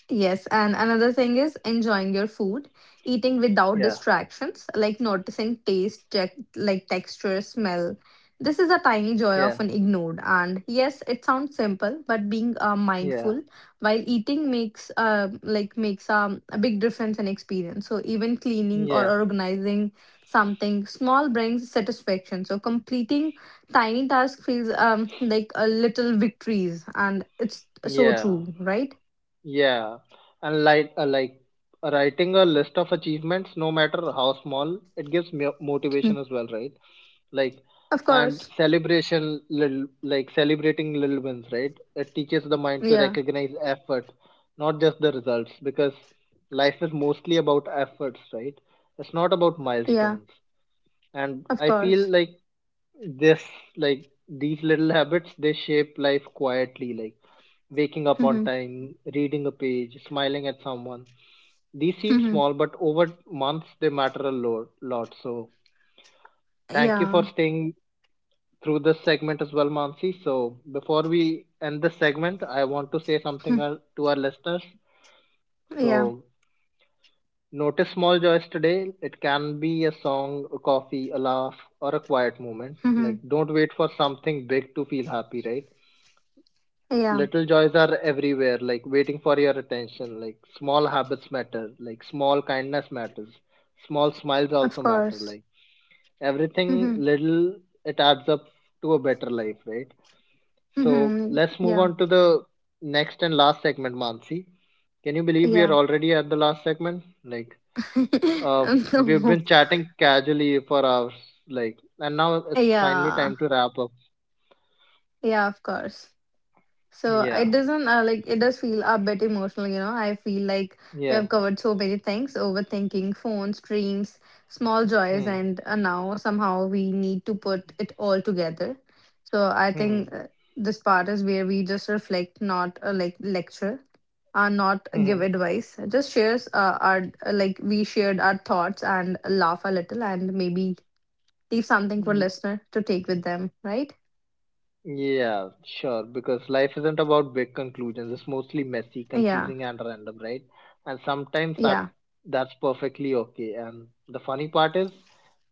Speaker 2: Yes, and another thing is enjoying your food, eating without
Speaker 1: Yeah,
Speaker 2: distractions, like noticing taste, tec- like texture, smell. This is a tiny joy
Speaker 1: yeah,
Speaker 2: often ignored. And yes, it sounds simple, but being uh,
Speaker 1: yeah,
Speaker 2: mindful while eating makes uh, like makes um, a big difference in experience. So even cleaning or
Speaker 1: yeah,
Speaker 2: organizing something small brings satisfaction. So completing tiny tasks feels um, like a little victories, and it's so
Speaker 1: yeah.
Speaker 2: true, right?
Speaker 1: Yeah, and like uh, like writing a list of achievements, no matter how small, it gives me motivation as well, right? Like
Speaker 2: Of
Speaker 1: and
Speaker 2: course.
Speaker 1: celebration, little, like celebrating little wins, right? It teaches the mind to
Speaker 2: Yeah.
Speaker 1: recognize effort, not just the results, because life is mostly about efforts, right? It's not about
Speaker 2: Yeah.
Speaker 1: milestones. And
Speaker 2: Of
Speaker 1: I feel
Speaker 2: course.
Speaker 1: like this, like these little habits, they shape life quietly, like waking up
Speaker 2: Mhm.
Speaker 1: on time, reading a page, smiling at someone, these seem
Speaker 2: Mhm.
Speaker 1: small but over months they matter a lot, lot. So thank you for
Speaker 2: Yeah.
Speaker 1: staying through this segment as well, Mansi. So before we end this segment, I want to say something
Speaker 2: Hmm.
Speaker 1: uh, to our listeners.
Speaker 2: Yeah.
Speaker 1: So notice small joys today. It can be a song, a coffee, a laugh, or a quiet moment. Like,
Speaker 2: Mhm.
Speaker 1: don't wait for something big to feel happy, right?
Speaker 2: Yeah.
Speaker 1: Little joys are everywhere, like waiting for your attention. Like, small habits matter, like small kindness matters, small smiles
Speaker 2: Of
Speaker 1: also matter.
Speaker 2: course.
Speaker 1: Like, everything
Speaker 2: Mhm.
Speaker 1: little, it adds up to a better life, right? So,
Speaker 2: Mhm.
Speaker 1: let's move
Speaker 2: Yeah.
Speaker 1: on to the next and last segment, Mansi. Can you believe we are
Speaker 2: Yeah.
Speaker 1: already at the last segment? Like, uh, we've
Speaker 2: No.
Speaker 1: been chatting casually for hours, like, and now it's finally
Speaker 2: Yeah.
Speaker 1: time to wrap up.
Speaker 2: Yeah. Of course. So it
Speaker 1: Yeah,
Speaker 2: doesn't uh, like it does feel a bit emotional, you know. I feel like we
Speaker 1: yeah,
Speaker 2: have covered so many things: overthinking, phones, dreams, small joys,
Speaker 1: hmm,
Speaker 2: and uh, now somehow we need to put it all together. So I
Speaker 1: hmm,
Speaker 2: think uh, this part is where we just reflect, not uh, like lecture, uh, not
Speaker 1: hmm.
Speaker 2: give advice. Just shares uh, our uh, like we shared our thoughts and laugh a little, and maybe leave something for
Speaker 1: Mm,
Speaker 2: listener to take with them, right?
Speaker 1: yeah, sure. Because life isn't about big conclusions. It's mostly messy,
Speaker 2: Yeah,
Speaker 1: confusing, and random, right? And sometimes
Speaker 2: yeah.
Speaker 1: that that's perfectly okay. And the funny part is,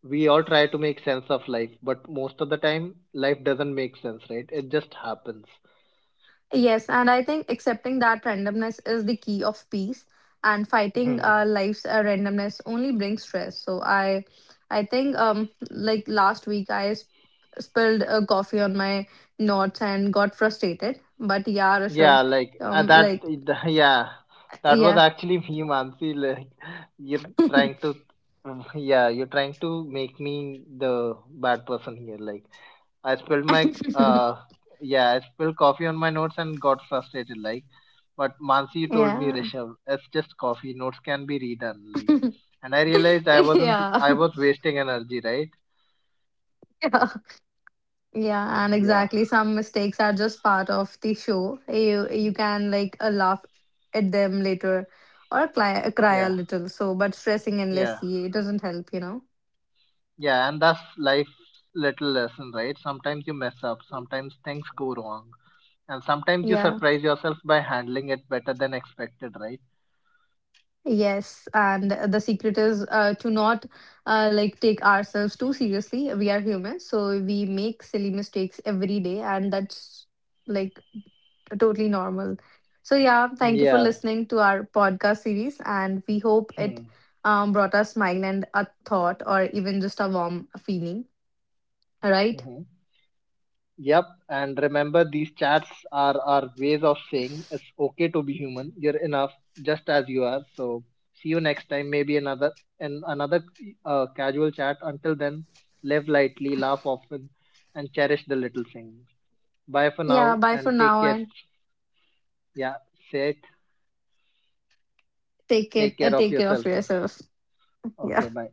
Speaker 1: we all try to make sense of life, but most of the time, life doesn't make sense, right? It just happens.
Speaker 2: Yes, and I think accepting that randomness is the key of peace, and fighting uh, life's uh, randomness only brings stress. So I, I think um like last week I sp- spilled a coffee on my notes and got frustrated. But yeah, Rishabh,
Speaker 1: Yeah, like uh,
Speaker 2: um,
Speaker 1: that.
Speaker 2: like
Speaker 1: it- Yeah, that was
Speaker 2: yeah,
Speaker 1: actually me, Mansi. Like you're trying to, mm, yeah, you're trying to make me the bad person here. Like I spilled my, uh, yeah, I spilled coffee on my notes and got frustrated. Like, but Mansi, you told me,
Speaker 2: yeah,
Speaker 1: Rishabh, it's just coffee. Notes can be redone. Like, and I realized I wasn't.
Speaker 2: yeah,
Speaker 1: I was wasting energy, right?
Speaker 2: yeah. Yeah, and
Speaker 1: Yeah,
Speaker 2: exactly. Some mistakes are just part of the show. You you can like uh, laugh at them later or cry, cry a
Speaker 1: yeah,
Speaker 2: little. So, but stressing
Speaker 1: yeah.
Speaker 2: endlessly, it doesn't help, you know.
Speaker 1: Yeah, and that's life's little lesson, right? Sometimes you mess up, sometimes things go wrong, and sometimes you
Speaker 2: Yeah.
Speaker 1: surprise yourself by handling it better than expected, right?
Speaker 2: Yes, and the secret is uh, to not uh, like take ourselves too seriously. We are human, so we make silly mistakes every day, and that's like totally normal. So, yeah, thank you for
Speaker 1: Yeah.
Speaker 2: listening to our podcast series, and we hope
Speaker 1: Hmm,
Speaker 2: it um, brought a smile and a thought, or even just a warm feeling. All right.
Speaker 1: hmm. Yep. And remember, these chats are our ways of saying it's okay to be human. You're enough just as you are. So see you next time. Maybe another, in another, uh, casual chat. Until then, live lightly, laugh often, and cherish the little things. Bye for
Speaker 2: Yeah,
Speaker 1: now,
Speaker 2: bye for
Speaker 1: and take
Speaker 2: now
Speaker 1: care.
Speaker 2: and
Speaker 1: Yeah. Say it.
Speaker 2: take it,
Speaker 1: Take care
Speaker 2: uh,
Speaker 1: of
Speaker 2: take care of
Speaker 1: yourself.
Speaker 2: yourself.
Speaker 1: Okay,
Speaker 2: Yeah.
Speaker 1: bye.